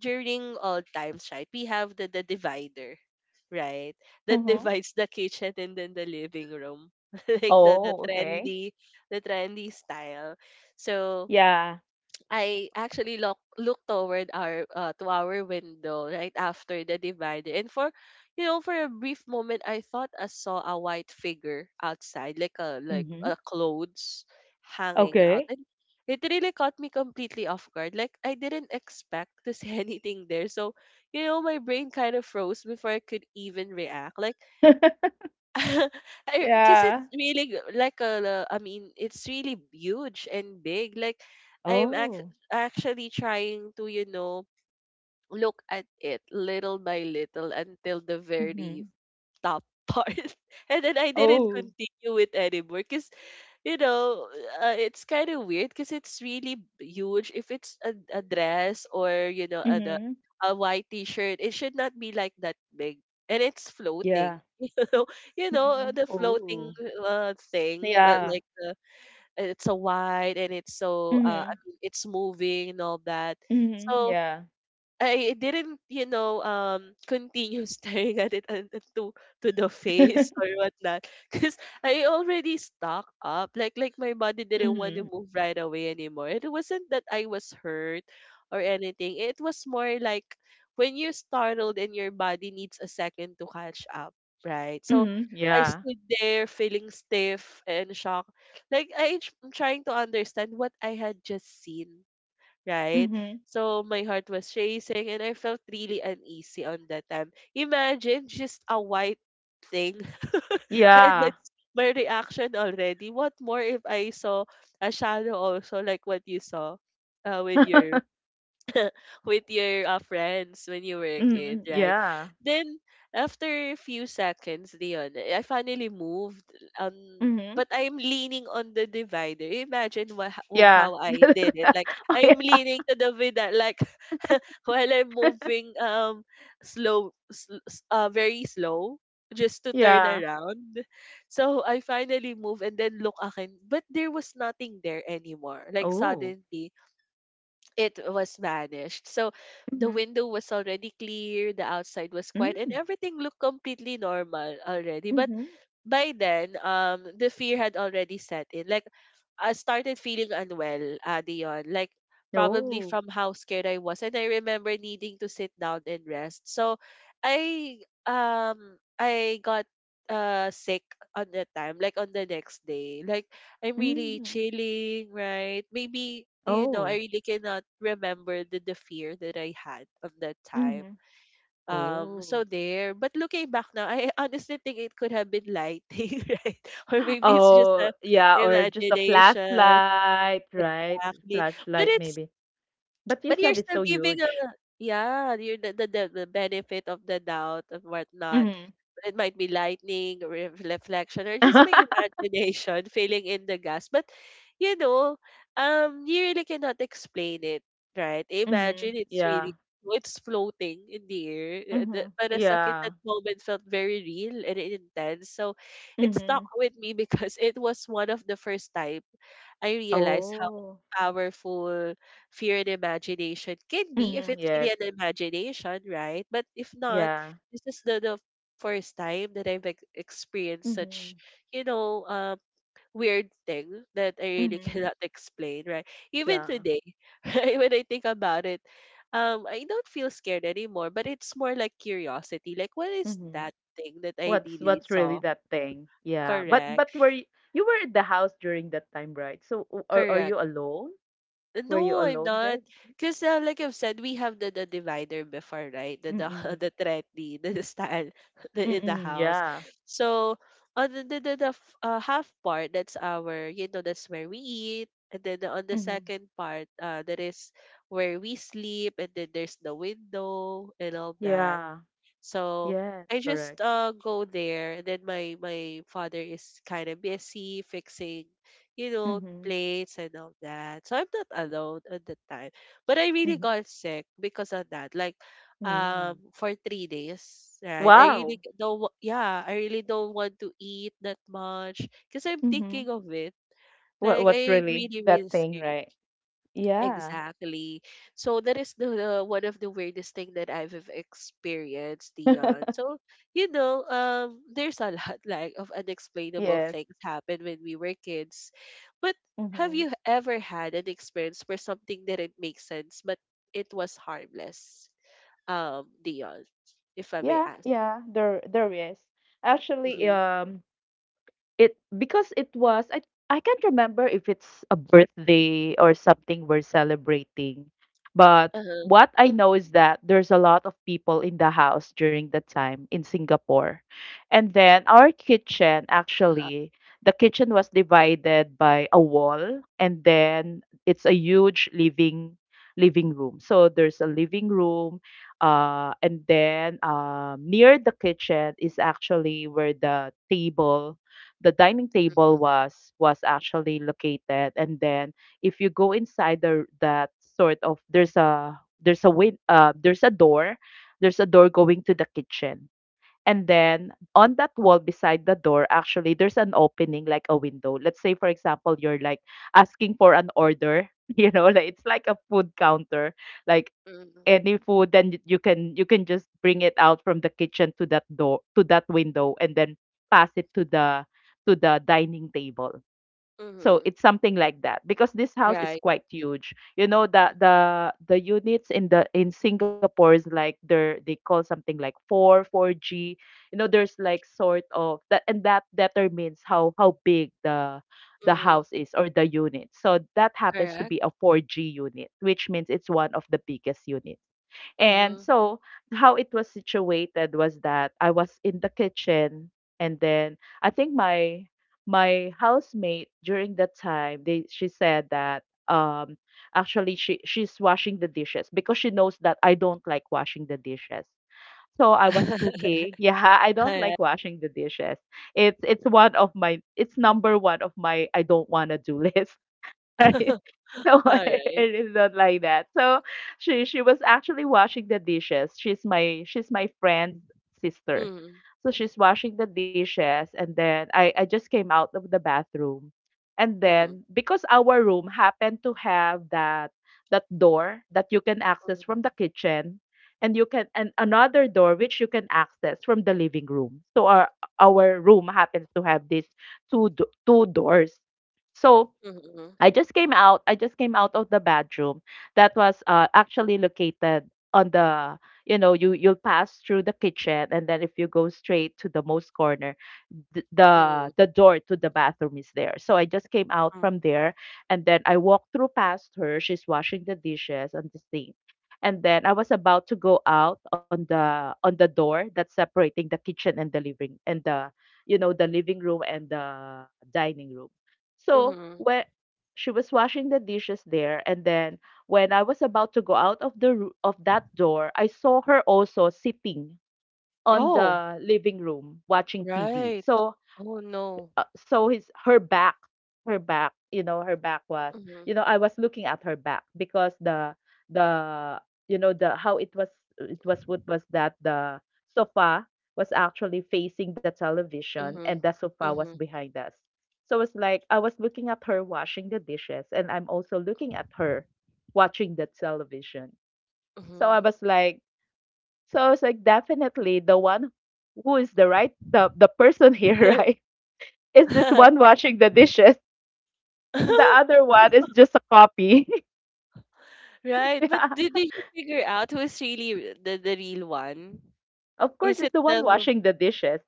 S1: during all times, right, we have the divider, right?
S2: Mm-hmm.
S1: That divides the kitchen and then the living room. Like the,
S2: Oh,
S1: the
S2: okay.
S1: trendy the trendy style. So
S2: Yeah.
S1: I actually looked toward our window right after the divider, and for you know for a brief moment I thought I saw a white figure outside, like a, like
S2: Mm-hmm.
S1: a clothes hanging
S2: Okay.
S1: out, and it really caught me completely off guard. Like I didn't expect to see anything there, so my brain kind of froze before I could even react. Like I, because
S2: Yeah.
S1: it's really like a, I mean, it's really huge and big. Like I'm
S2: Oh.
S1: actually trying to look at it little by little until the
S2: Mhm.
S1: very top part, and then I didn't
S2: Oh.
S1: continue it anymore because, you know, it's kind of weird because it's really huge. If it's a dress or a,
S2: Mhm.
S1: a white t-shirt, it should not be like that big. And it's
S2: Yeah.
S1: floating, you know, you know
S2: Mhm.
S1: uh, the
S2: Oh.
S1: floating thing,
S2: Yeah.
S1: it's so wide and it's so,
S2: Mhm.
S1: I mean it's moving and all that.
S2: Mhm.
S1: So
S2: Yeah.
S1: I didn't, continue staring at it, and to, the face or whatnot, because I already stuck up. Like my body didn't want to
S2: Mhm.
S1: move right away anymore. It wasn't that I was hurt or anything. It was more like when you're startled and your body needs a second to catch up, right? So
S2: Mhm.
S1: I
S2: Yeah.
S1: stood there feeling stiff and shocked. Like, I'm trying to understand what I had just seen, right?
S2: Mhm.
S1: So my heart was racing and I felt really uneasy on that time. Imagine just a white thing, and
S2: Yeah.
S1: that's my reaction already. What more if I saw a shadow also, like what you saw, with your with your friends when you were a kid,
S2: Mhm.
S1: right?
S2: Yeah.
S1: Then, after a few seconds, Leon, I finally moved. Um,
S2: Mhm.
S1: but I'm leaning on the divider. Imagine what
S2: Yeah.
S1: how I did it. Like
S2: Oh,
S1: I'm
S2: yeah.
S1: leaning to the vida, like, while I'm moving, slow, very slow, just to turn
S2: Yeah.
S1: around. So I finally move and then look again, but there was nothing there anymore. Like
S2: Oh.
S1: suddenly, it was vanished. So the
S2: Mhm.
S1: window was already clear, the outside was quiet, and
S2: Mm.
S1: everything looked completely normal already. But
S2: Mhm.
S1: by then, the fear had already set in. Like, I started feeling unwell, Dion. Like, probably
S2: Oh.
S1: from how scared I was, and I remember needing to sit down and rest. So, I I got sick on the time, like on the next day. Like, I'm really
S2: Mm.
S1: chilling, right? Maybe, I
S2: Oh.
S1: really cannot remember the, fear that I had on that time,
S2: Mhm. Oh.
S1: so there. But looking back now, I honestly think it could have been lighting, right? Or maybe it's just
S2: Oh,
S1: a
S2: yeah, or just a
S1: imagination,
S2: flashlight, right?
S1: exactly. But
S2: Flashlight
S1: it's
S2: maybe. But you
S1: but
S2: said
S1: you're
S2: it's
S1: still
S2: so
S1: giving a,
S2: huge.
S1: yeah, you're the benefit of the doubt and whatnot.
S2: Mm-hmm.
S1: It might be lightning, reflection, or just my imagination filling in the gas. But, you know, you really cannot explain it, right?
S2: Mm-hmm.
S1: Imagine
S2: Yeah.
S1: it's floating in the air.
S2: Mm-hmm.
S1: Para sa akin,
S2: Yeah.
S1: that moment felt very real and intense. So it
S2: Mm-hmm.
S1: stuck with me because it was one of the first time I realized how
S2: Oh,
S1: powerful fear and imagination can be if
S2: Mm-hmm.
S1: it's
S2: Yes.
S1: really an imagination, right? But if not,
S2: Yeah.
S1: this is the, first time that I've experienced
S2: Mm-hmm.
S1: such, you know, um, weird thing that I really
S2: Mm-hmm.
S1: cannot explain, right? Even
S2: Yeah.
S1: today, right, when I think about it, I don't feel scared anymore, but it's more like curiosity. Like, what is
S2: Mm-hmm.
S1: that thing that I
S2: What's
S1: really
S2: what's really
S1: saw?
S2: that thing? Yeah. But
S1: Correct,
S2: were you, you were at the house during that time, right? So are
S1: correct.
S2: you alone?
S1: Uh,
S2: Were you
S1: No, I'm
S2: alone
S1: not.
S2: then?
S1: Because, like I've said, we have the, divider before, right? The
S2: Mm-mm.
S1: the thready, the, stand the, in the
S2: Mm-mm,
S1: house.
S2: yeah.
S1: So, on the half part, that's our, that's where we eat, and then, on the
S2: Mm-hmm.
S1: second part, that is where we sleep, and then there's the window and all that.
S2: Yeah.
S1: So
S2: Yes,
S1: I just
S2: correct.
S1: go there. And then my father is kind of busy fixing,
S2: Mm-hmm.
S1: plates and all that. So I'm not alone at the time. But I really
S2: Mm-hmm.
S1: got sick because of that. Like,
S2: mm
S1: for 3 days, right, I really
S2: Wow.
S1: c- don't wa- yeah, I really don't want to eat that much because I'm
S2: Mm-hmm.
S1: thinking of it.
S2: What
S1: Like,
S2: what's
S1: I'm
S2: really
S1: really really
S2: that thing,
S1: scared.
S2: right? Yeah.
S1: Exactly. So that is the, one of the weirdest thing that I've have experienced, Dion. So, there's a lot like of unexplainable
S2: Yes.
S1: things happen when we were kids. But have
S2: Mm-hmm.
S1: you ever had an experience where something didn't make sense, but it was harmless? Dion, if I may
S2: Yeah,
S1: ask.
S2: yeah, there is. Actually,
S1: Mm-hmm.
S2: it because it was I can't remember if it's a birthday or something we're celebrating, but
S1: Uh-huh.
S2: what I know is that there's a lot of people in the house during the time in Singapore. And then our kitchen
S1: Haha.
S2: actually the kitchen was divided by a wall, and then it's a huge living room. So there's a living room, and then near the kitchen is actually where the dining
S1: Mm-hmm.
S2: table was actually located. And then if you go inside the that sort of, there's a win there's a door going to the kitchen. And then on that wall beside the door, actually there's an opening like a window. Let's say, for example, you're like asking for an order, you know, like it's like a food counter, like
S1: Mm-hmm.
S2: any food, then you can just bring it out from the kitchen to that door, to that window, and then pass it to the dining table. So
S1: Mm-hmm.
S2: it's something like that, because this house is
S1: Right.
S2: quite huge. You know, the units in the in Singapore is like, they're, they call something like four four G. You know, there's like sort of that, and that determines how big the
S1: Mm-hmm.
S2: house is or the unit. So that happens to
S1: Correct.
S2: be a 4G unit, which means it's one of the biggest units. And
S1: Mm-hmm.
S2: so how it was situated was that I was in the kitchen, and then I think my housemate during that time, they she said that, um actually she's washing the dishes because she knows that I don't like washing the dishes. So I was cooking. Yeah, I don't
S1: All
S2: like washing the dishes. It's one of my, it's number one of my I don't wanna do list, right? No,
S1: Alright.
S2: it is not like that. So she was actually washing the dishes. She's my friend's sister.
S1: Mhm,
S2: So she's washing the dishes, and then I just came out of the bathroom. And
S1: mhm,
S2: then because our room happened to have that door that you can access from the
S1: mhm,
S2: kitchen, and you can and another door which you can access from the living room. So our room happens to have these two doors. So
S1: mhm,
S2: I just came out. I just came out of the bedroom that was actually located on the, you know, you you'll pass through the kitchen, and then if you go straight to the most corner, th-
S1: mhm,
S2: the the door to the bathroom is there. So I just came out
S1: mhm,
S2: from there, and then I walked through, past her. She's washing the dishes and the sink, and then I was about to go out on the door that's separating the kitchen and the living and the you know, the living room and the dining room. So
S1: mhm.
S2: when she was washing the dishes there, and then when I was about to go out of the roo- of that door, I saw her also sitting on
S1: Oh,
S2: the living room watching TV.
S1: right.
S2: So
S1: Oh, no.
S2: so his her back, her back, you know, her back was, you
S1: Mhm,
S2: know, I was looking at her back because the you know, the how it was, it was, what was that, the sofa was actually facing the television, and
S1: mhm,
S2: the sofa was
S1: mhm,
S2: behind us. So it's like I was looking at her washing the dishes, and I'm also looking at her watching the television. so i
S1: mhm.
S2: was like so I was like, definitely, the one who is the right, the person here, right, is this one washing the dishes, and the other one is just a copy.
S1: Right, but
S2: Yeah.
S1: did you figure out who is really the real one?
S2: Of course,
S1: Is it
S2: it's the one
S1: the?
S2: washing the dishes.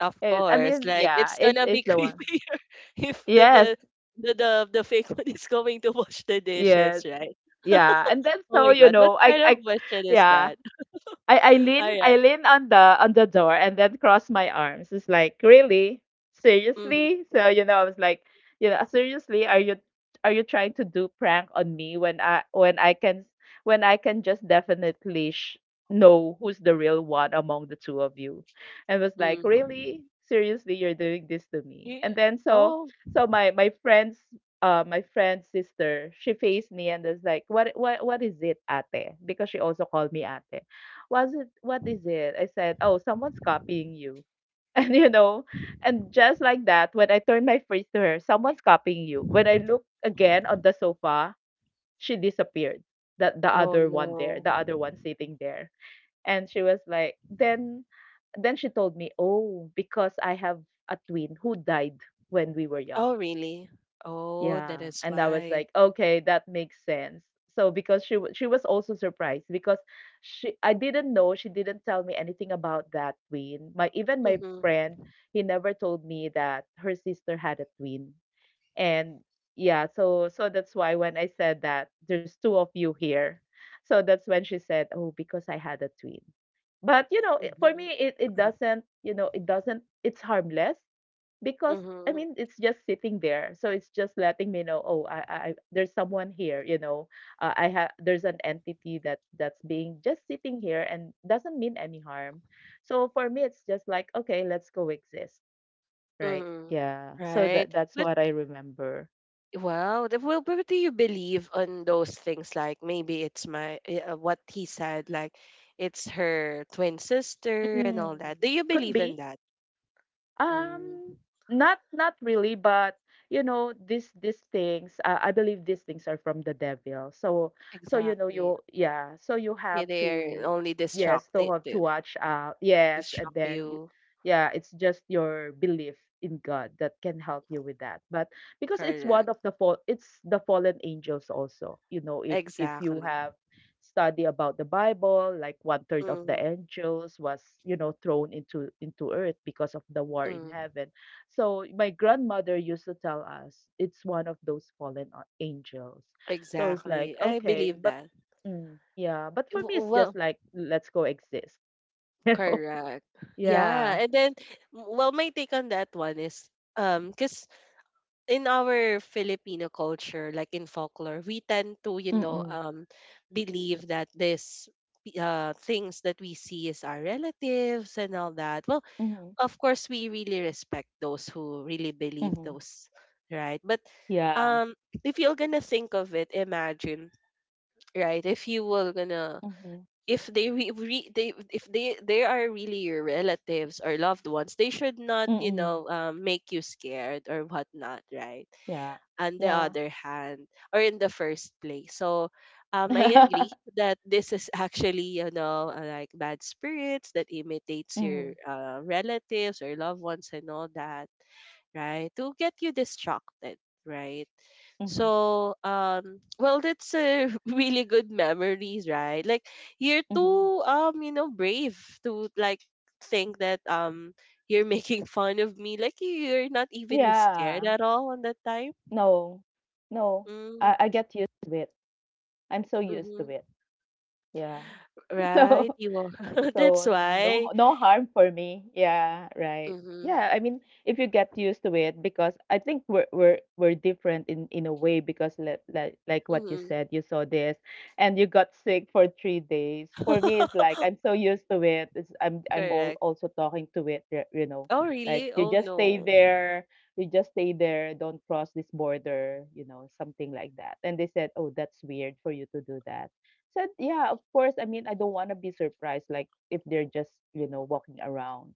S1: Of
S2: Eh, I
S1: course,
S2: mean,
S1: like
S2: yeah,
S1: it's gonna be
S2: it's the one.
S1: creepier if the
S2: Yes,
S1: the the the, the fake one is going to wash the dishes,
S2: yes.
S1: right?
S2: Yeah. And then
S1: Oh
S2: so,
S1: my
S2: you
S1: god, what
S2: know,
S1: kind of question is
S2: yeah,
S1: that?
S2: I
S1: All
S2: lean, I
S1: right.
S2: lean on the door and then cross my arms. It's like, really?
S1: Mm-hmm.
S2: Seriously? So, you know, I was like, you know, seriously, are you trying to do prank on me when I can just definitely know who's the real one among the two of you? And was like,
S1: Mm.
S2: really? Seriously, you're doing this to me.
S1: You,
S2: And then so,
S1: oh,
S2: so my friend's sister, she faced me and was like, what is it, Ate?" Because she also called me Ate. "Was it, what is it?" I said, "Oh, someone's copying you." And you know, and just like that, when I turned my face to her, "Someone's copying you." When I looked again on the sofa, she disappeared. The
S1: oh
S2: other one there,
S1: no.
S2: the other one sitting there. And she was like, then she told me, "Oh, because I have a twin who died when we were young."
S1: Oh, really? Oh, that
S2: Yeah,
S1: is
S2: and I was
S1: why.
S2: like, okay, that makes sense. So because she was also surprised because she I didn't know, she didn't tell me anything about that twin. My Even my
S1: Mm-hmm.
S2: friend, he never told me that her sister had a twin. And yeah, so that's why when I said that there's two of you here, so that's when she said, oh, because I had a twin. But you know, it- for me,
S1: Mm-hmm.
S2: it doesn't, it's harmless because, I
S1: Mm-hmm.
S2: mean, it's just sitting there. So it's just letting me know, oh, I, there's someone here, you know, I have there's an entity that that's being just sitting here and doesn't mean any harm. So for me, it's just like, okay, let's coexist, right?
S1: Mm-hmm.
S2: Yeah. So that
S1: Right.
S2: that's
S1: But
S2: what I remember.
S1: wow, well, but do you believe on those things? Like maybe it's my, what he said. Like it's her twin sister and all
S2: Mm.
S1: that. Do you
S2: Could
S1: believe
S2: be.
S1: in that?
S2: Um,
S1: Mm,
S2: not not really, but you know, these things, I believe these things are from the devil. So so you know
S1: exactly.
S2: you yeah, so you
S1: Yeah,
S2: have
S1: they are
S2: to,
S1: only distract.
S2: yes, to
S1: They,
S2: have to
S1: they
S2: watch out. Yes, and
S1: distract
S2: then you,
S1: you.
S2: yeah, it's just your belief in God that can help you with that. But because it's one of
S1: Correct.
S2: the fall it's the fallen angels also. You know, if you
S1: Exactly.
S2: have study about the Bible, like one third of the
S1: Mm,
S2: angels was, you know, thrown into earth because of the war in
S1: mm,
S2: heaven. So my grandmother used to tell us it's one of those fallen angels. So it's like
S1: exactly. I
S2: okay,
S1: believe
S2: but,
S1: that.
S2: mm, yeah, but for me it's just
S1: Well,
S2: like, let's go exist, you know?
S1: correct. Yeah,
S2: Yeah.
S1: and then, well, my take on that one is, because in our Filipino culture, like in folklore, we tend to
S2: Mm-mm.
S1: believe that this, things that we see is our relatives and all that. Well,
S2: Mm-hmm.
S1: of course, we really respect those who really
S2: Mm-hmm.
S1: believe those, right? But,
S2: Yeah.
S1: um, if you're gonna think of it, imagine, right, if you were gonna,
S2: Mm-hmm.
S1: if they re, re they if they they are really your relatives or loved ones, they should not,
S2: Mm-mm.
S1: make you scared or whatnot, right,
S2: Yeah.
S1: on the
S2: Yeah.
S1: other hand, or in the first place. So, I
S2: Mm-hmm.
S1: agree that this is actually, like bad spirits that imitates your, relatives or loved ones and all that, right, to get you distracted, right.
S2: Mm-hmm.
S1: So, well, that's a really good memories, right? Like you're
S2: Mm-hmm.
S1: too, brave to like think that, you're making fun of me. Like you're not even scared
S2: Yeah.
S1: at all on that time.
S2: No, no,
S1: Mm,
S2: I get used to it. I'm so used to
S1: mm-hmm.
S2: it. Yeah.
S1: Right,
S2: So,
S1: you are.
S2: so I
S1: That's
S2: mean, no
S1: why.
S2: no harm for me. Yeah, right.
S1: Mm-hmm.
S2: Yeah, I mean, if you get used to it, because I think we're we're different in a way because like like what you
S1: Mm-hmm.
S2: said, you saw this and you got sick for 3 days. For me, it's like I'm so used to it. It's, I'm all,
S1: Correct.
S2: also talking to it, you know,
S1: Oh,
S2: like,
S1: really?
S2: you
S1: Oh
S2: just stay
S1: no.
S2: there, you just stay there, don't cross this border, you know, something like that. And they said, oh, that's weird for you to do that. Said, yeah, of course. I mean, I don't want to be surprised, like if they're just, you know, walking around,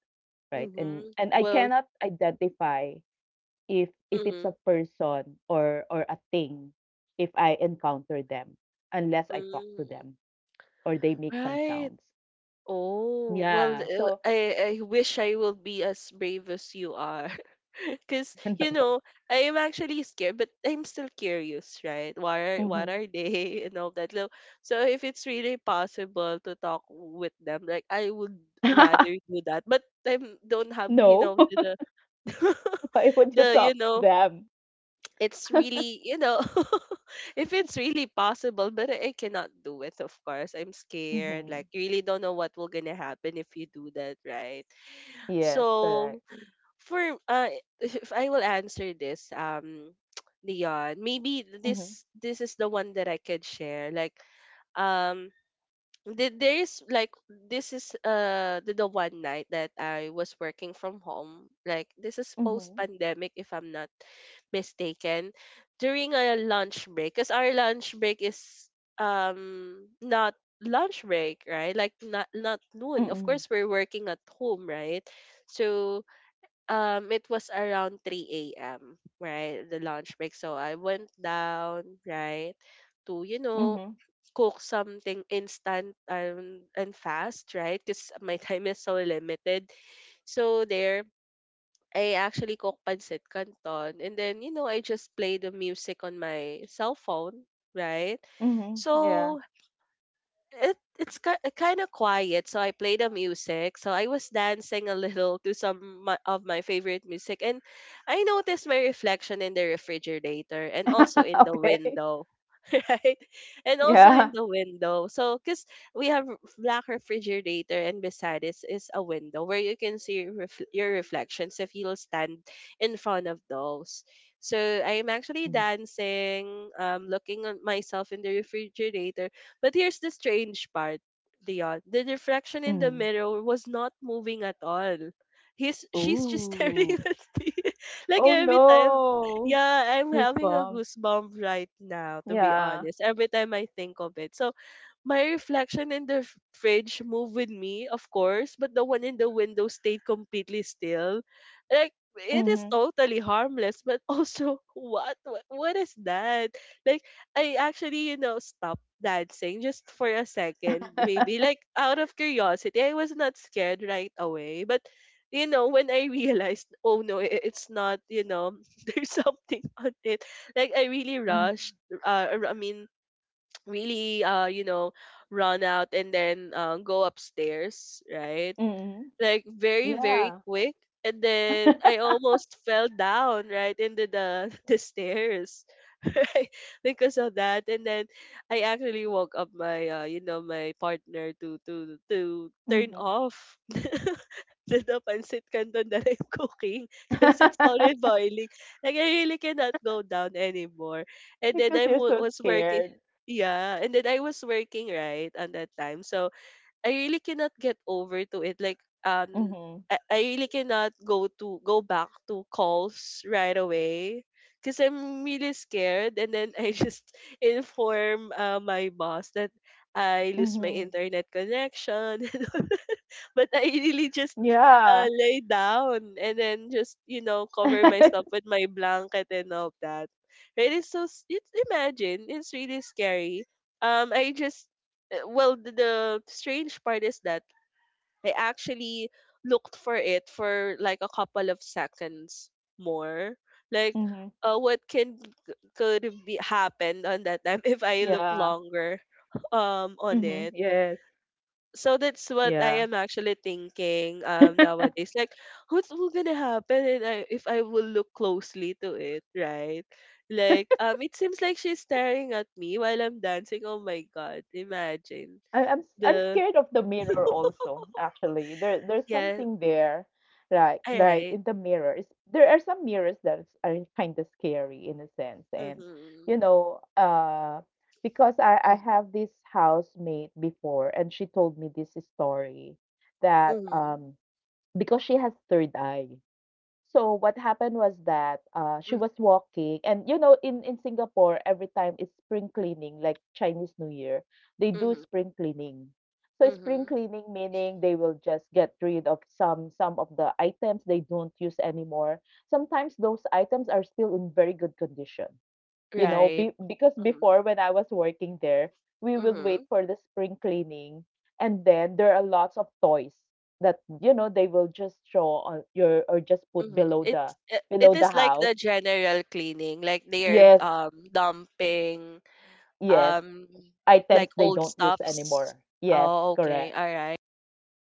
S2: right?
S1: Mm-hmm.
S2: And I
S1: Well,
S2: cannot identify if it's a
S1: mm-hmm.
S2: person or a thing, if I encounter them, unless I talk to
S1: Mm-hmm.
S2: them or they make some
S1: Right.
S2: sounds.
S1: Oh, well,
S2: Yeah. So
S1: I wish I will be as brave as you are. Because,
S2: no.
S1: I am actually scared, but I'm still curious, right? What are, what
S2: Hmm.
S1: are they and all that. So, if it's really possible to talk with them, like, I would rather do that. But I don't have,
S2: No.
S1: the, the,
S2: Why would you
S1: the,
S2: talk to them?
S1: it's really, if it's really possible, but I cannot do it. Of course I'm scared,
S2: Hmm.
S1: like you really don't know what will gonna happen if you do that, right.
S2: Yes,
S1: So
S2: correct.
S1: for, uh if I will answer this, Leon, maybe
S2: Mm-hmm.
S1: this is the one that I could share, like, um there is, like, this is, the, one night that I was working from home. Like this is
S2: Mm-hmm.
S1: post pandemic if I'm not mistaken. During a lunch break, because our lunch break is not lunch break, right? Like not noon.
S2: Mm-hmm.
S1: Of course we're working at home, right? So it was around three a.m., right? The lunch break. So I went down, right, to
S2: Mm-hmm.
S1: cook something instant and fast, right? Because my time is so limited. So there, I actually cook pancit canton, and then I just play the music on my cell phone, right?
S2: Mm-hmm. Yeah.
S1: So it's kind of quiet, so I play the music, so I was dancing a little to of my favorite music, and I noticed my reflection in the refrigerator and also in the
S2: Okay.
S1: window. Right. And also in
S2: Yeah.
S1: the window. So because we have black refrigerator, and beside it is a window where you can see your your reflections if you'll stand in front of those. So I'm
S2: Mhm.
S1: actually dancing looking at myself in the refrigerator, but here's the strange part, Dion. The reflection in the
S2: Mhm.
S1: mirror was not moving at all. He's she's just staring
S2: Ooh.
S1: at me. Like
S2: Oh,
S1: every time,
S2: no.
S1: yeah, I'm having a
S2: Goosebumps.
S1: goosebump right now, to be
S2: Yeah.
S1: honest. Every time I think of it. So my reflection in the fridge moved with me, of course, but the one in the window stayed completely still. Like it is
S2: Mhm.
S1: totally harmless, but also, what is that? Like I actually, stopped dancing just for a second, maybe like out of curiosity. I was not scared right away, but when I realized, oh no, it's not, there's something on it. Like I really
S2: Mhm.
S1: rushed. I mean, really, run out, and then go upstairs, right,
S2: Mhm.
S1: like very very
S2: Yeah.
S1: quick, and then I almost fell down right into the the stairs, right, because of that. And then I actually woke up my my partner to turn
S2: Mhm.
S1: off the pancit canton that I'm cooking, because it's already boiling. Like I really cannot go down anymore. And then I
S2: Because you're so
S1: was working.
S2: scared.
S1: Yeah, and then I was working right on that time, so I really cannot get over to it. Like,
S2: Mhm.
S1: I really cannot go back to calls right away because I'm really scared. And then I just inform, my boss that I lose my
S2: Mhm.
S1: internet connection, but I really just,
S2: Yeah.
S1: lay down, and then just cover myself with my blanket and all of that. It is so s- it's imagine it's really scary. I just, well, the strange part is that I actually looked for it for like a couple of seconds more. Like,
S2: Mhm.
S1: what can could be happen on that time, if I look
S2: Yeah.
S1: longer on it?
S2: Mhm. Yes.
S1: So that's what I
S2: Yeah.
S1: am actually thinking nowadays. Like, what's gonna happen if if I will look closely to it, right? Like, it seems like she's staring at me while I'm dancing. Oh my god! Imagine
S2: I, I'm I'm
S1: the
S2: scared of the mirror also. Actually, there there's
S1: yeah.
S2: something there, like
S1: All
S2: right
S1: right.
S2: in the mirror. It's, there are some mirrors that are kind of scary in a sense. And
S1: Mm-hmm.
S2: you know, because I
S1: Mm.
S2: have this housemate before, and she told me this story that,
S1: Mm-hmm.
S2: because she has third eye. So what happened was that, she
S1: Mm.
S2: was walking, and you know, in Singapore, every time it's spring cleaning, like Chinese New Year, they do
S1: Mm-hmm.
S2: spring cleaning. So spring
S1: Mm-hmm.
S2: cleaning meaning they will just get rid of some of the items they don't use anymore. Sometimes those items are still in very good condition. You know,
S1: Right.
S2: be, because
S1: Mm-hmm.
S2: before when I was working there, we will
S1: Mm-hmm.
S2: wait for the spring cleaning, and then there are lots of toys that you know they will just show on your or just put
S1: Mm-hmm. It's it,
S2: below
S1: it
S2: the
S1: is like the
S2: house.
S1: general cleaning, like they are
S2: Yes,
S1: dumping,
S2: yes,
S1: um
S2: items
S1: like
S2: they
S1: old
S2: don't use
S1: stuffs?
S2: anymore. Yes,
S1: Oh, okay.
S2: correct.
S1: All right.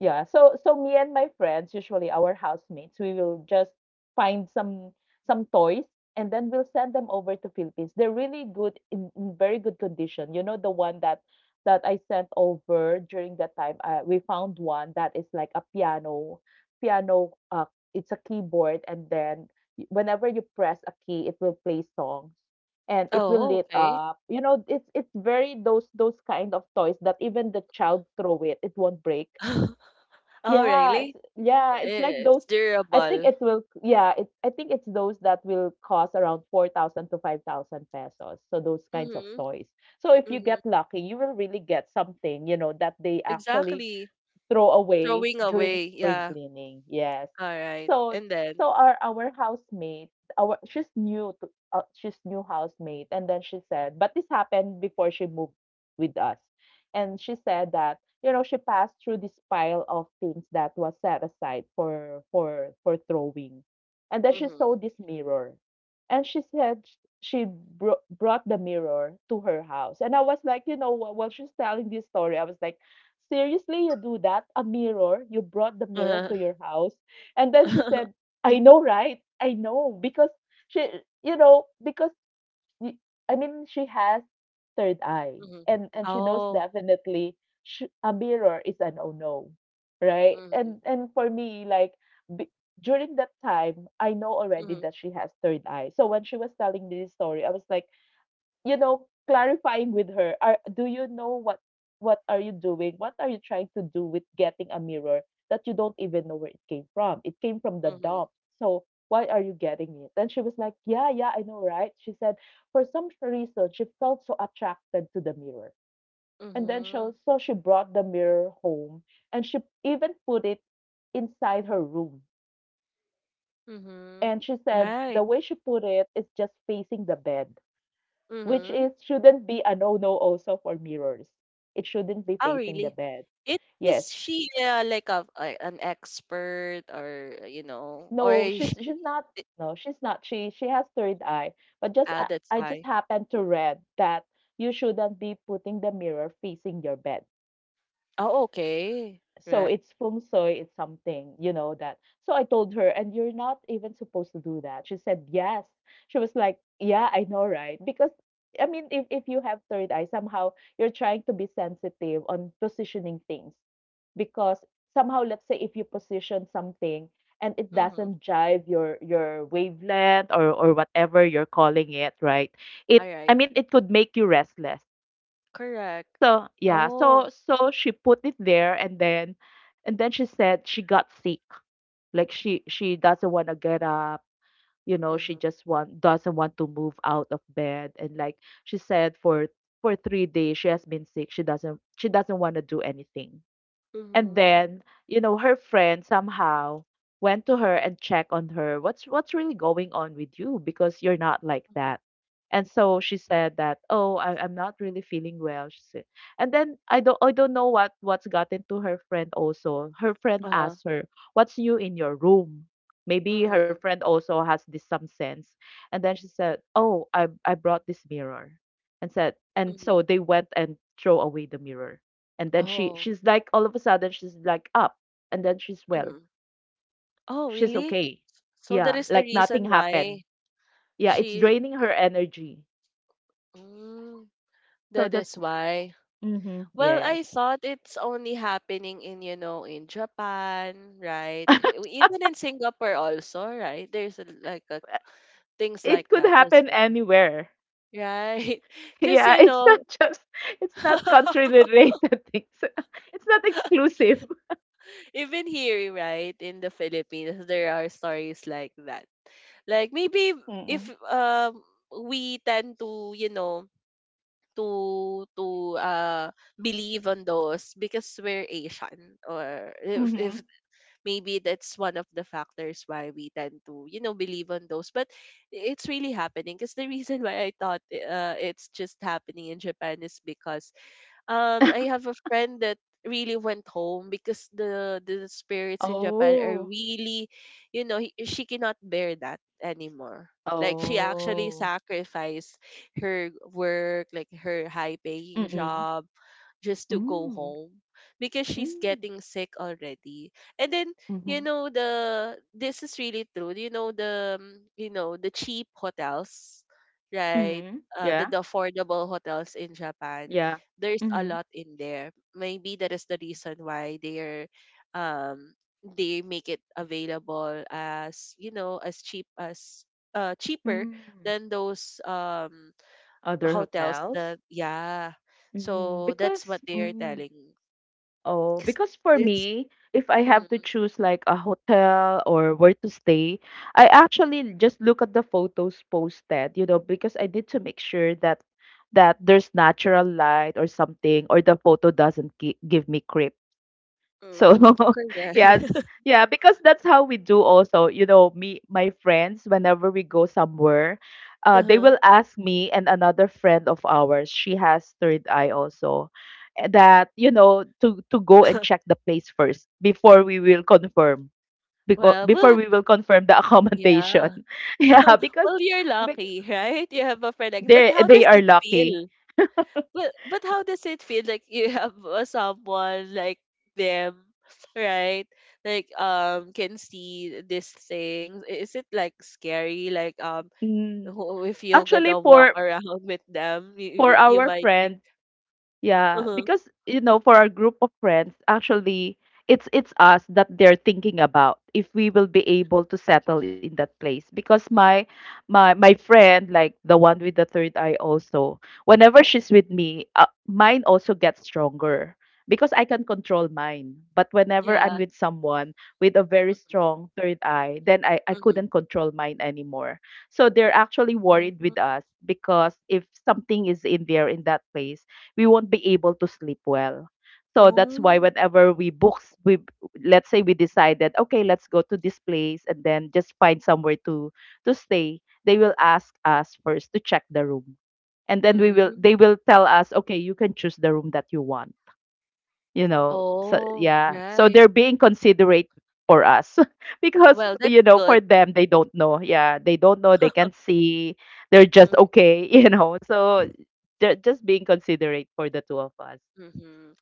S2: Yeah, so me and my friends, usually our housemates, we will just find some toys and then we'll send them over to Philippines. They're really good in very good condition. You know the one that I sent over during that time. We found one that is like a piano, piano. It's a keyboard, and then whenever you press a key, it will play songs and it will
S1: Oh,
S2: lit
S1: okay.
S2: up. You know, it's very those kind of toys that even the child throw it, it won't break.
S1: Oh,
S2: Yeah,
S1: really?
S2: it's like those.
S1: It's
S2: I think
S1: durable.
S2: it will, yeah, it I think it's those that will cost around 4,000 to 5,000 pesos. So those kinds of
S1: Mhm.
S2: toys. So if you
S1: Mhm.
S2: get lucky, you will really get something, you know, that they actually
S1: Exactly.
S2: throw away
S1: Throwing
S2: during
S1: away.
S2: spring
S1: Yeah.
S2: cleaning. Yes.
S1: All right.
S2: So
S1: And then.
S2: so our housemate, our she's new to she's new housemate, and then she said, but this happened before she moved with us, and she said that you know she passed through this pile of things that was set aside for throwing, and then she
S1: Mhm.
S2: saw this mirror, and she said she brought the mirror to her house, and I was like, you know, while she's telling this story, I was like, seriously, you do that? A mirror? You brought the mirror
S1: Mhm.
S2: to your house? And then she said, I know, right? I know. Because she, you know, because y- I mean, she has third eye, and she knows
S1: Oh.
S2: definitely sh a mirror is an oh no, right?
S1: Mhm.
S2: And for me, like, b during that time, I know already
S1: Mhm.
S2: that she has third eye. So when she was telling me this story, I was like, you know, clarifying with her, do you know what are you doing? What are you trying to do with getting a mirror that you don't even know where it came from? It came from the
S1: Mhm.
S2: dump. So why are you getting it? And she was like, yeah, yeah, I know, right? She said, for some reason, she felt so attracted to the mirror. And then
S1: Mhm.
S2: so she brought the mirror home and she even put it inside her room. And she
S1: Mhm.
S2: said the way
S1: Right.
S2: she put it is just facing the bed. Which
S1: Mhm.
S2: is shouldn't be a no-no also for mirrors. It shouldn't be
S1: Oh,
S2: facing
S1: really?
S2: the bed.
S1: It
S2: Yes.
S1: is she, like a an expert, or or
S2: No,
S1: is she?
S2: she's not, no, she's not. She has third eye. But just
S1: That's
S2: I just
S1: why.
S2: happened to read that you shouldn't be putting the mirror facing your bed.
S1: Oh, okay.
S2: So
S1: Right.
S2: it's feng shui, it's something, you know, that. So I told her, and you're not even supposed to do that. She said, yes. She was like, yeah, I know, right? Because, I mean, if you have third eye, somehow you're trying to be sensitive on positioning things. Because somehow, let's say if you position something and it
S1: Mhm.
S2: doesn't jive your wavelength or whatever you're calling it, right?
S1: All
S2: It I
S1: right.
S2: mean, it could make you restless.
S1: Correct.
S2: So, yeah.
S1: Oh.
S2: So she put it there and then she said she got sick. Like she doesn't want to get up, you know, she
S1: Mhm.
S2: just want doesn't want to move out of bed and like she said for 3 days she has been sick. She doesn't want to do anything. And
S1: Mhm.
S2: then, you know, her friend somehow went to her and checked on her. What's really going on with you? Because you're not like
S1: Mhm.
S2: that. And so
S1: Mhm.
S2: she said that, oh, I'm not really feeling well. She said, and then I don't know what what's gotten to her friend also. Her friend
S1: Uh-huh.
S2: asked her, what's new in your room? Maybe her
S1: Mhm.
S2: friend also has this some sense. And then she said, oh, I brought this mirror, and said, and so
S1: Mhm.
S2: they went and throw away the mirror, and then she
S1: Oh.
S2: she's like all of a sudden she's like up and then
S1: Mhm. Oh,
S2: she's
S1: really?
S2: okay,
S1: So that
S2: yeah,
S1: is the
S2: like nothing
S1: reason
S2: happened,
S1: why
S2: yeah, it's
S1: she
S2: draining her energy.
S1: mm, that
S2: So
S1: is
S2: that's,
S1: why.
S2: mm-hmm,
S1: Well, I
S2: yes.
S1: thought it's only happening in Japan, right? Even in Singapore also, right? There's things
S2: It
S1: like
S2: could
S1: that
S2: happen
S1: as well,
S2: anywhere.
S1: right?
S2: Yeah,
S1: Because,
S2: it's not just it's not country related things. It's not exclusive.
S1: even here, right, in the Philippines, there are stories like that. Like maybe if
S2: Mm-mm.
S1: we tend to, to believe on those because we're Asian, or if
S2: Mm-hmm.
S1: if maybe that's one of the factors why we tend to believe on those, but it's really happening, because the reason why I thought, it's just happening in Japan, is because I have a friend that really went home because the spirits in Japan
S2: Oh.
S1: are really, she cannot bear that anymore. Like she actually
S2: Oh.
S1: sacrificed her work, like her high paying
S2: Mm-mm.
S1: job, just to go
S2: Mm.
S1: home because she's
S2: Mm.
S1: getting sick already. And then,
S2: Mm-hmm.
S1: the this is really true. You know the the cheap hotels, right?
S2: Mm-hmm. Yeah.
S1: The affordable hotels in Japan,
S2: Yeah.
S1: there's a
S2: Mm-hmm.
S1: lot in there. Maybe that is the reason why they are um they make it available as you know as cheaper
S2: Mm.
S1: than those
S2: Other
S1: hotels
S2: hotels?
S1: that, yeah,
S2: Mm,
S1: so that's
S2: because
S1: what they are
S2: mm,
S1: telling.
S2: oh,
S1: 'Cause
S2: because for
S1: it's
S2: me, if I have
S1: mm,
S2: to choose like a hotel or where to stay, I actually just look at the photos posted, you know, because I need to make sure that there's natural light or something, or the photo doesn't give me creep. So
S1: correct.
S2: yeah, yeah, because that's how we do also. You know, me my friends, whenever we go somewhere, they
S1: Uh-huh.
S2: will ask me and another friend of ours, she has third eye also, eh, that, you know, to go and check the place first before we will confirm. Because
S1: well well
S2: before
S1: ha-
S2: we will confirm the accommodation.
S1: yeah.
S2: Yeah,
S1: Well, you're
S2: because
S1: lucky, right, you have a friend like, but how
S2: they
S1: does
S2: are
S1: it
S2: lucky.
S1: feel? But how does it feel like you have, someone like them, right, like can see these things? Is it like scary, like
S2: Mm.
S1: if you're
S2: Actually,
S1: gonna walk around with them, you,
S2: for
S1: you you
S2: our
S1: might think.
S2: friend, yeah,
S1: Mhm.
S2: because you know, for our group of friends, actually, it's us that they're thinking about if we will be able to settle in that place. Because my friend, like the one with the third eye, also, whenever she's with me, mine also gets stronger because I can control mine. But whenever I'm
S1: Yeah.
S2: with someone with a very
S1: Mm,
S2: strong third eye, then I
S1: mhm.
S2: couldn't control mine anymore. So they're actually worried
S1: Mm.
S2: with us because if something is in there in that place we won't be able to sleep well. So that's why
S1: Mm.
S2: whenever we books, we let's say we decided, okay, let's go to this place and then just find somewhere to stay. They will ask us first to check the room, and then we will
S1: Mm.
S2: they will tell us, okay, you can choose the room that you want, you know, so
S1: Oh,
S2: yeah, so
S1: right.
S2: they're being considerate for us because
S1: Well, that's
S2: you know for
S1: good.
S2: them they don't know, yeah, they don't know, they can't see, they're just
S1: Mhm,
S2: okay. You know, so they're just being considerate for the two of us.
S1: mhm.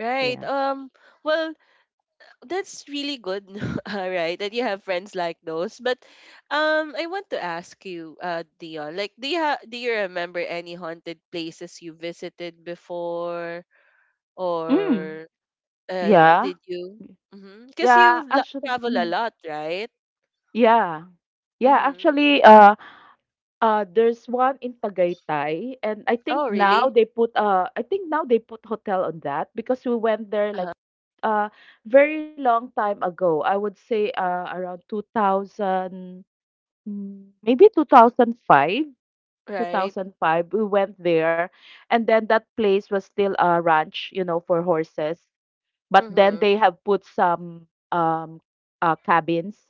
S1: Right.
S2: Yeah.
S1: Well, that's really good. All right, that you have friends like those. But, I want to ask you, Dion, like, do you ha do you remember any haunted places you visited before, or
S2: Mm. Yeah.
S1: did you? Because
S2: Yeah,
S1: you lo
S2: actually,
S1: travel a
S2: mm,
S1: lot, right?
S2: yeah. yeah
S1: Mm-hmm.
S2: actually uh uh there's one in Tagaytay and I think
S1: Oh,
S2: now
S1: really?
S2: they put I think now they put hotel on that because we went there like, uh, very long time ago. I would say, around 2000, mm, maybe 2005.
S1: Right.
S2: 2005 we went there and then that place was still a ranch you know for horses but then
S1: Mhm.
S2: they have put some um cabins,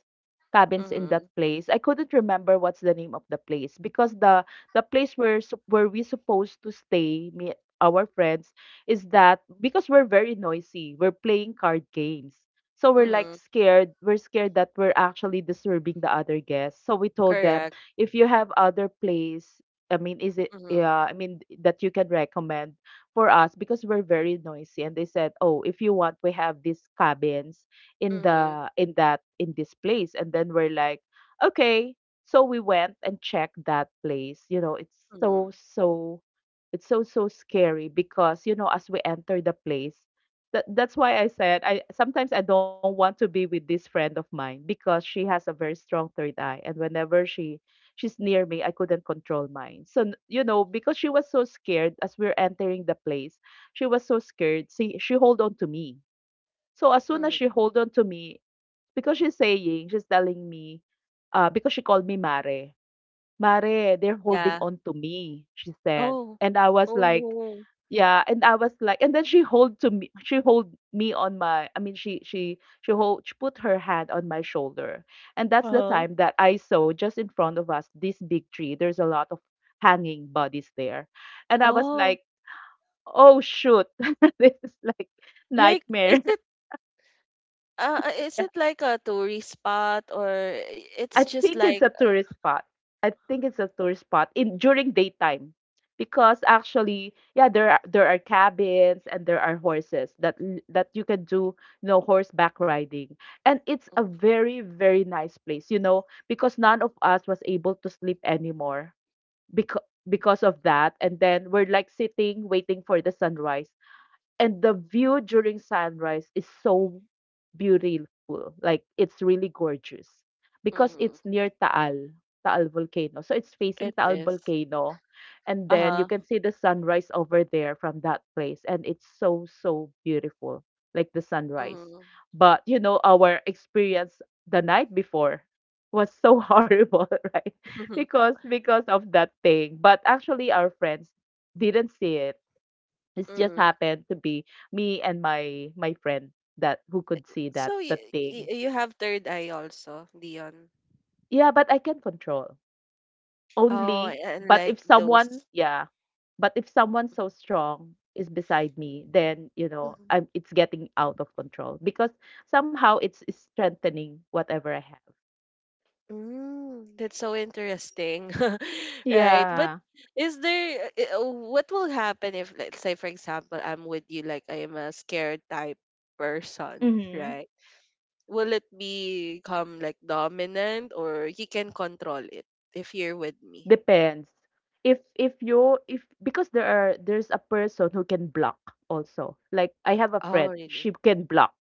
S2: cabins in that
S1: Mhm.
S2: place. I couldn't remember what's the name of the place because the place where we supposed to stay, me, our friends, is that because we're very noisy, we're playing card games. So we're like
S1: Mhm.
S2: scared. We're scared that we're actually disturbing the other guests. So we told them,
S1: Correct.
S2: if you have other place, I mean,
S1: Mhm.
S2: I mean, that you can recommend, for us because we're very noisy. And they said, oh, if you want we have these cabins in
S1: Mhm.
S2: the in that in this place. And then we're like, okay. So we went and checked that place. You know,
S1: Mhm.
S2: it's so, so scary because, you know, as we enter the place, that, that's why I said I sometimes I don't want to be with this friend of mine because she has a very strong third eye and whenever she's near me I couldn't control mine. So you know because she was so scared as we're entering the place, she was so scared. See she hold on to me. So as soon as she
S1: Mhm.
S2: hold on to me because she's telling me because she called me Mare. Mare, they're holding
S1: Yeah.
S2: on to me, she said.
S1: Oh.
S2: And I was
S1: Oh
S2: like,
S1: no.
S2: yeah, and I was like, and then she hold to me, she hold me on my, I mean, she hold, she put her hand on my shoulder, and that's the
S1: Uh-huh.
S2: time that I saw just in front of us this big tree. There's a lot of hanging bodies there, and I was
S1: Oh.
S2: like, oh shoot, this is like
S1: Like is
S2: nightmare.
S1: it, is it like a tourist spot, or it's
S2: I
S1: just
S2: think it's
S1: like.
S2: a tourist spot. I think it's a tourist spot in during daytime because actually, yeah, there are cabins and there are horses that that you can do, you know, horseback riding. And it's a very very nice place, you know, because none of us was able to sleep anymore because because of that and then we're like sitting waiting for the sunrise and the view during sunrise is so beautiful. Like it's really gorgeous because
S1: Mhm.
S2: it's near Taal, Taal volcano. So it's facing
S1: It
S2: Taal
S1: is.
S2: volcano and then you
S1: Uh-huh.
S2: can see the sunrise over there from that place and it's so so beautiful like the sunrise.
S1: Mhm.
S2: But you know our experience the night before was so horrible, right?
S1: Mhm.
S2: Because of that thing. But actually our friends didn't see it, it just happened to be me and my friend that who could see that
S1: So you
S2: that thing.
S1: you have third eye also, Dion.
S2: Yeah, but I can control.
S1: Oh,
S2: Only
S1: and
S2: but if
S1: like
S2: someone,
S1: those.
S2: yeah. But if someone so strong is beside me, then you know,
S1: Mm-hmm.
S2: I'm it's getting out of control because somehow it's strengthening whatever I have.
S1: Mm, that's so interesting, right? But
S2: Yeah.
S1: is there, what will happen if, let's say, for example, I'm with you, like I am a scared type person,
S2: Mm-hmm.
S1: right? Will it become like dominant, or you can control it if you're with me?
S2: Depends. If because there's a person who can block also. Like I have a
S1: Oh,
S2: friend,
S1: really?
S2: she can block.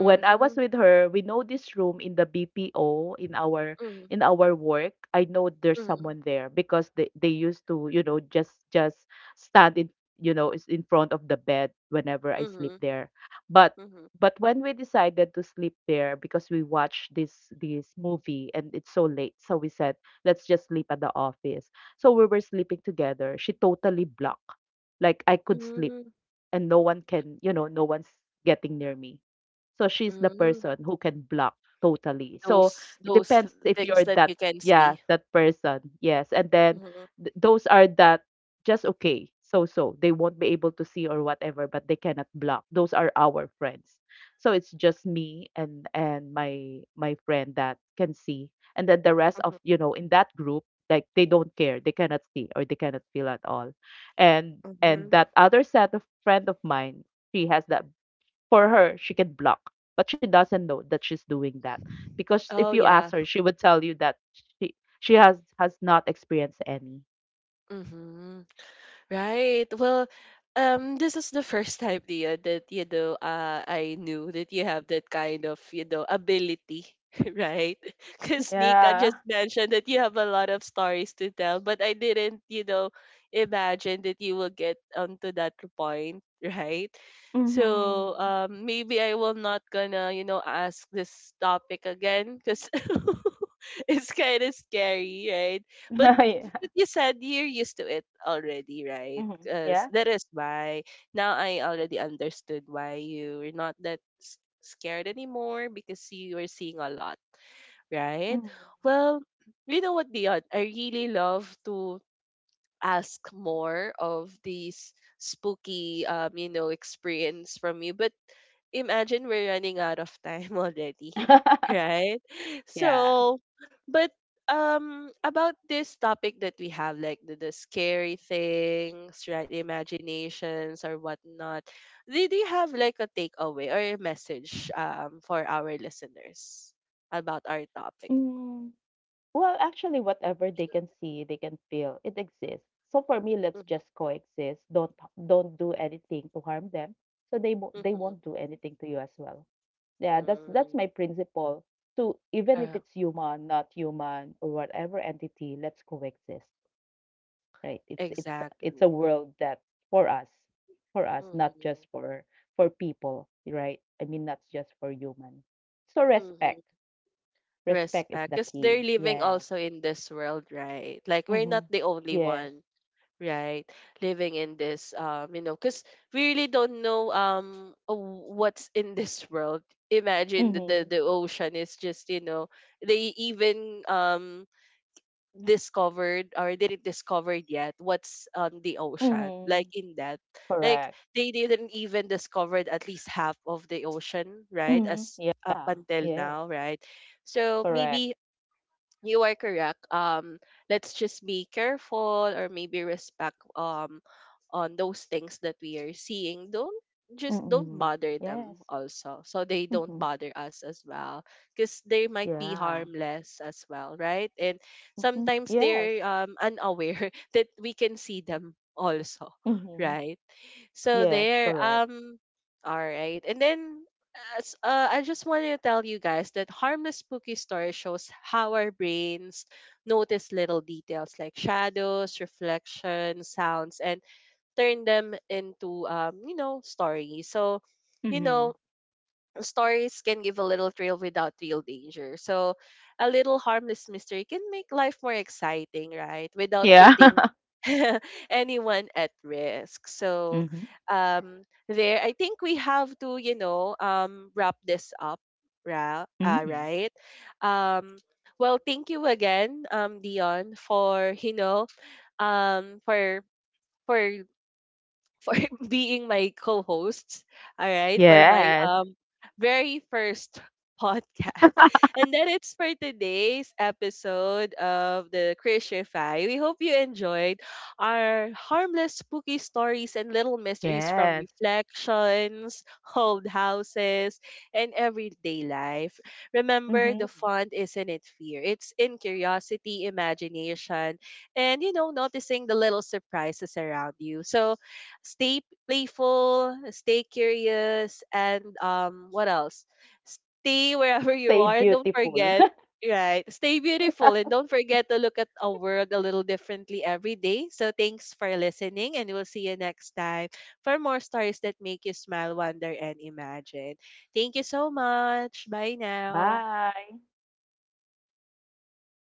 S2: When I was with her, we know this room in the BPO
S1: Mm-hmm.
S2: in our work. I know there's
S1: Mm-hmm.
S2: someone there because they used to you know just stand in you know is in front of the bed whenever I sleep
S1: Mm-hmm.
S2: there. But
S1: Mm-hmm.
S2: but when we decided to sleep there because we watched this movie and it's so late, so we said let's just sleep at the office. So we were sleeping together. She totally blocked, like I could sleep and no one can, you know, no one's getting near me. So she's the
S1: Mm-hmm.
S2: person who can block totally. So
S1: Those
S2: it depends if
S1: things
S2: you're
S1: that
S2: that,
S1: you can
S2: yeah,
S1: see.
S2: that person. Yes. And then
S1: Mm-hmm.
S2: those are that just okay. So so they won't be able to see or whatever, but they cannot block. Those are our friends. So it's just me and my my friend that can see. And then the rest of,
S1: Mm-hmm.
S2: you know, in that group, like they don't care. They cannot see or they cannot feel at all. And
S1: Mm-hmm.
S2: that other set of friend of mine, she has that, for her she can block but she doesn't know that she's doing that because if
S1: Oh
S2: you ask
S1: yeah.
S2: her she would tell you that she has not experienced any.
S1: Mm-hmm. Right. Well, this is the first time, Tia, that, I knew that you have that kind of, ability, right? Because Nika
S2: Yeah.
S1: just mentioned that you have a lot of stories to tell, but I didn't, imagine that you will get onto that point, right?
S2: Mm-hmm.
S1: So, maybe I will not gonna, ask this topic again, because it's kind of scary, right?
S2: Yeah.
S1: But you said you're used to it already, right?
S2: Mm-hmm.
S1: 'Cause
S2: Yeah.
S1: that is why now I already understood why you're not that scared anymore, because you are seeing a lot,
S2: Mm-hmm.
S1: right? Well, you know what, Dion? I really love to ask more of these spooky, you know, experience from you, but imagine we're running out of time already, right?
S2: Yeah.
S1: So, but, about this topic that we have, like the scary things, right, imaginations or whatnot, did you have like a takeaway or a message, for our listeners about our topic?
S2: Mm. Well, actually, whatever they can see, they can feel, it exists. So for me, let's
S1: Mm-hmm.
S2: just coexist. Don't do anything to harm them, so they
S1: Mm-hmm.
S2: won't do anything to you as well. Yeah, that's
S1: Mm.
S2: my principle. To even if
S1: Uh,
S2: it's human, not human, or whatever entity, let's coexist. Right? It's a
S1: exactly.
S2: world that for us, for us, not just
S1: Mm-hmm.
S2: for people. Right? I mean, not just for human. So respect,
S1: Mm-hmm.
S2: respect is
S1: Respect.
S2: the
S1: Because they're
S2: key.
S1: living
S2: Yes.
S1: also in this world, right? Like we're
S2: Mhm.
S1: not the only
S2: Yes.
S1: one, right? Living in this, you know, because we really don't know what's in this world. Imagine
S2: Mhm.
S1: the ocean is just, you know, they even discovered or didn't discover yet what's on the ocean,
S2: Mhm.
S1: like in that,
S2: Correct.
S1: like they didn't even discovered at least half of the ocean, right,
S2: Mhm. Yeah.
S1: as up until
S2: Yes.
S1: now, right? So
S2: Correct.
S1: maybe you are correct. Let's just be careful, or maybe respect, on those things that we are seeing. Don't just don't
S2: Mhm.
S1: bother
S2: Yes.
S1: them also, so they don't
S2: Mhm.
S1: bother us as well, because they might be
S2: Yeah.
S1: harmless as well, right? And
S2: Mhm.
S1: sometimes
S2: Yes.
S1: they're unaware that we can see them also,
S2: Mhm.
S1: right? So
S2: Yes.
S1: there,
S2: Correct.
S1: all right. And then, as, I just wanted to tell you guys that harmless spooky story shows how our brains notice little details like shadows, reflections, sounds, and turn them into, you know, stories. So, you
S2: Mhm.
S1: know, stories can give a little thrill without real danger. So, a little harmless mystery can make life more exciting, right? Without
S2: Yeah.
S1: putting anyone at risk. So,
S2: Mhm.
S1: um, there, I think we have to, you know, wrap this up,
S2: Mhm.
S1: right? Um, well, thank you again, Dion, for, um, for for being my co-hosts, all right, for my
S2: Yes.
S1: very first podcast. And that it's for today's episode of the Crucify. We hope you enjoyed our harmless spooky stories and little mysteries from
S2: Yes.
S1: reflections, old houses, and everyday life. Remember, the
S2: Mhm.
S1: fun isn't it fear. It's in curiosity, imagination, and, you know, noticing the little surprises around you. So stay playful, stay curious, and, what else? Stay wherever you
S2: Stay
S1: are, and don't
S2: beautiful.
S1: forget, right? Stay beautiful, and don't forget to look at a world a little differently every day. So thanks for listening, and we'll see you next time for more stories that make you smile, wonder, and imagine. Thank you so much. Bye now.
S2: Bye.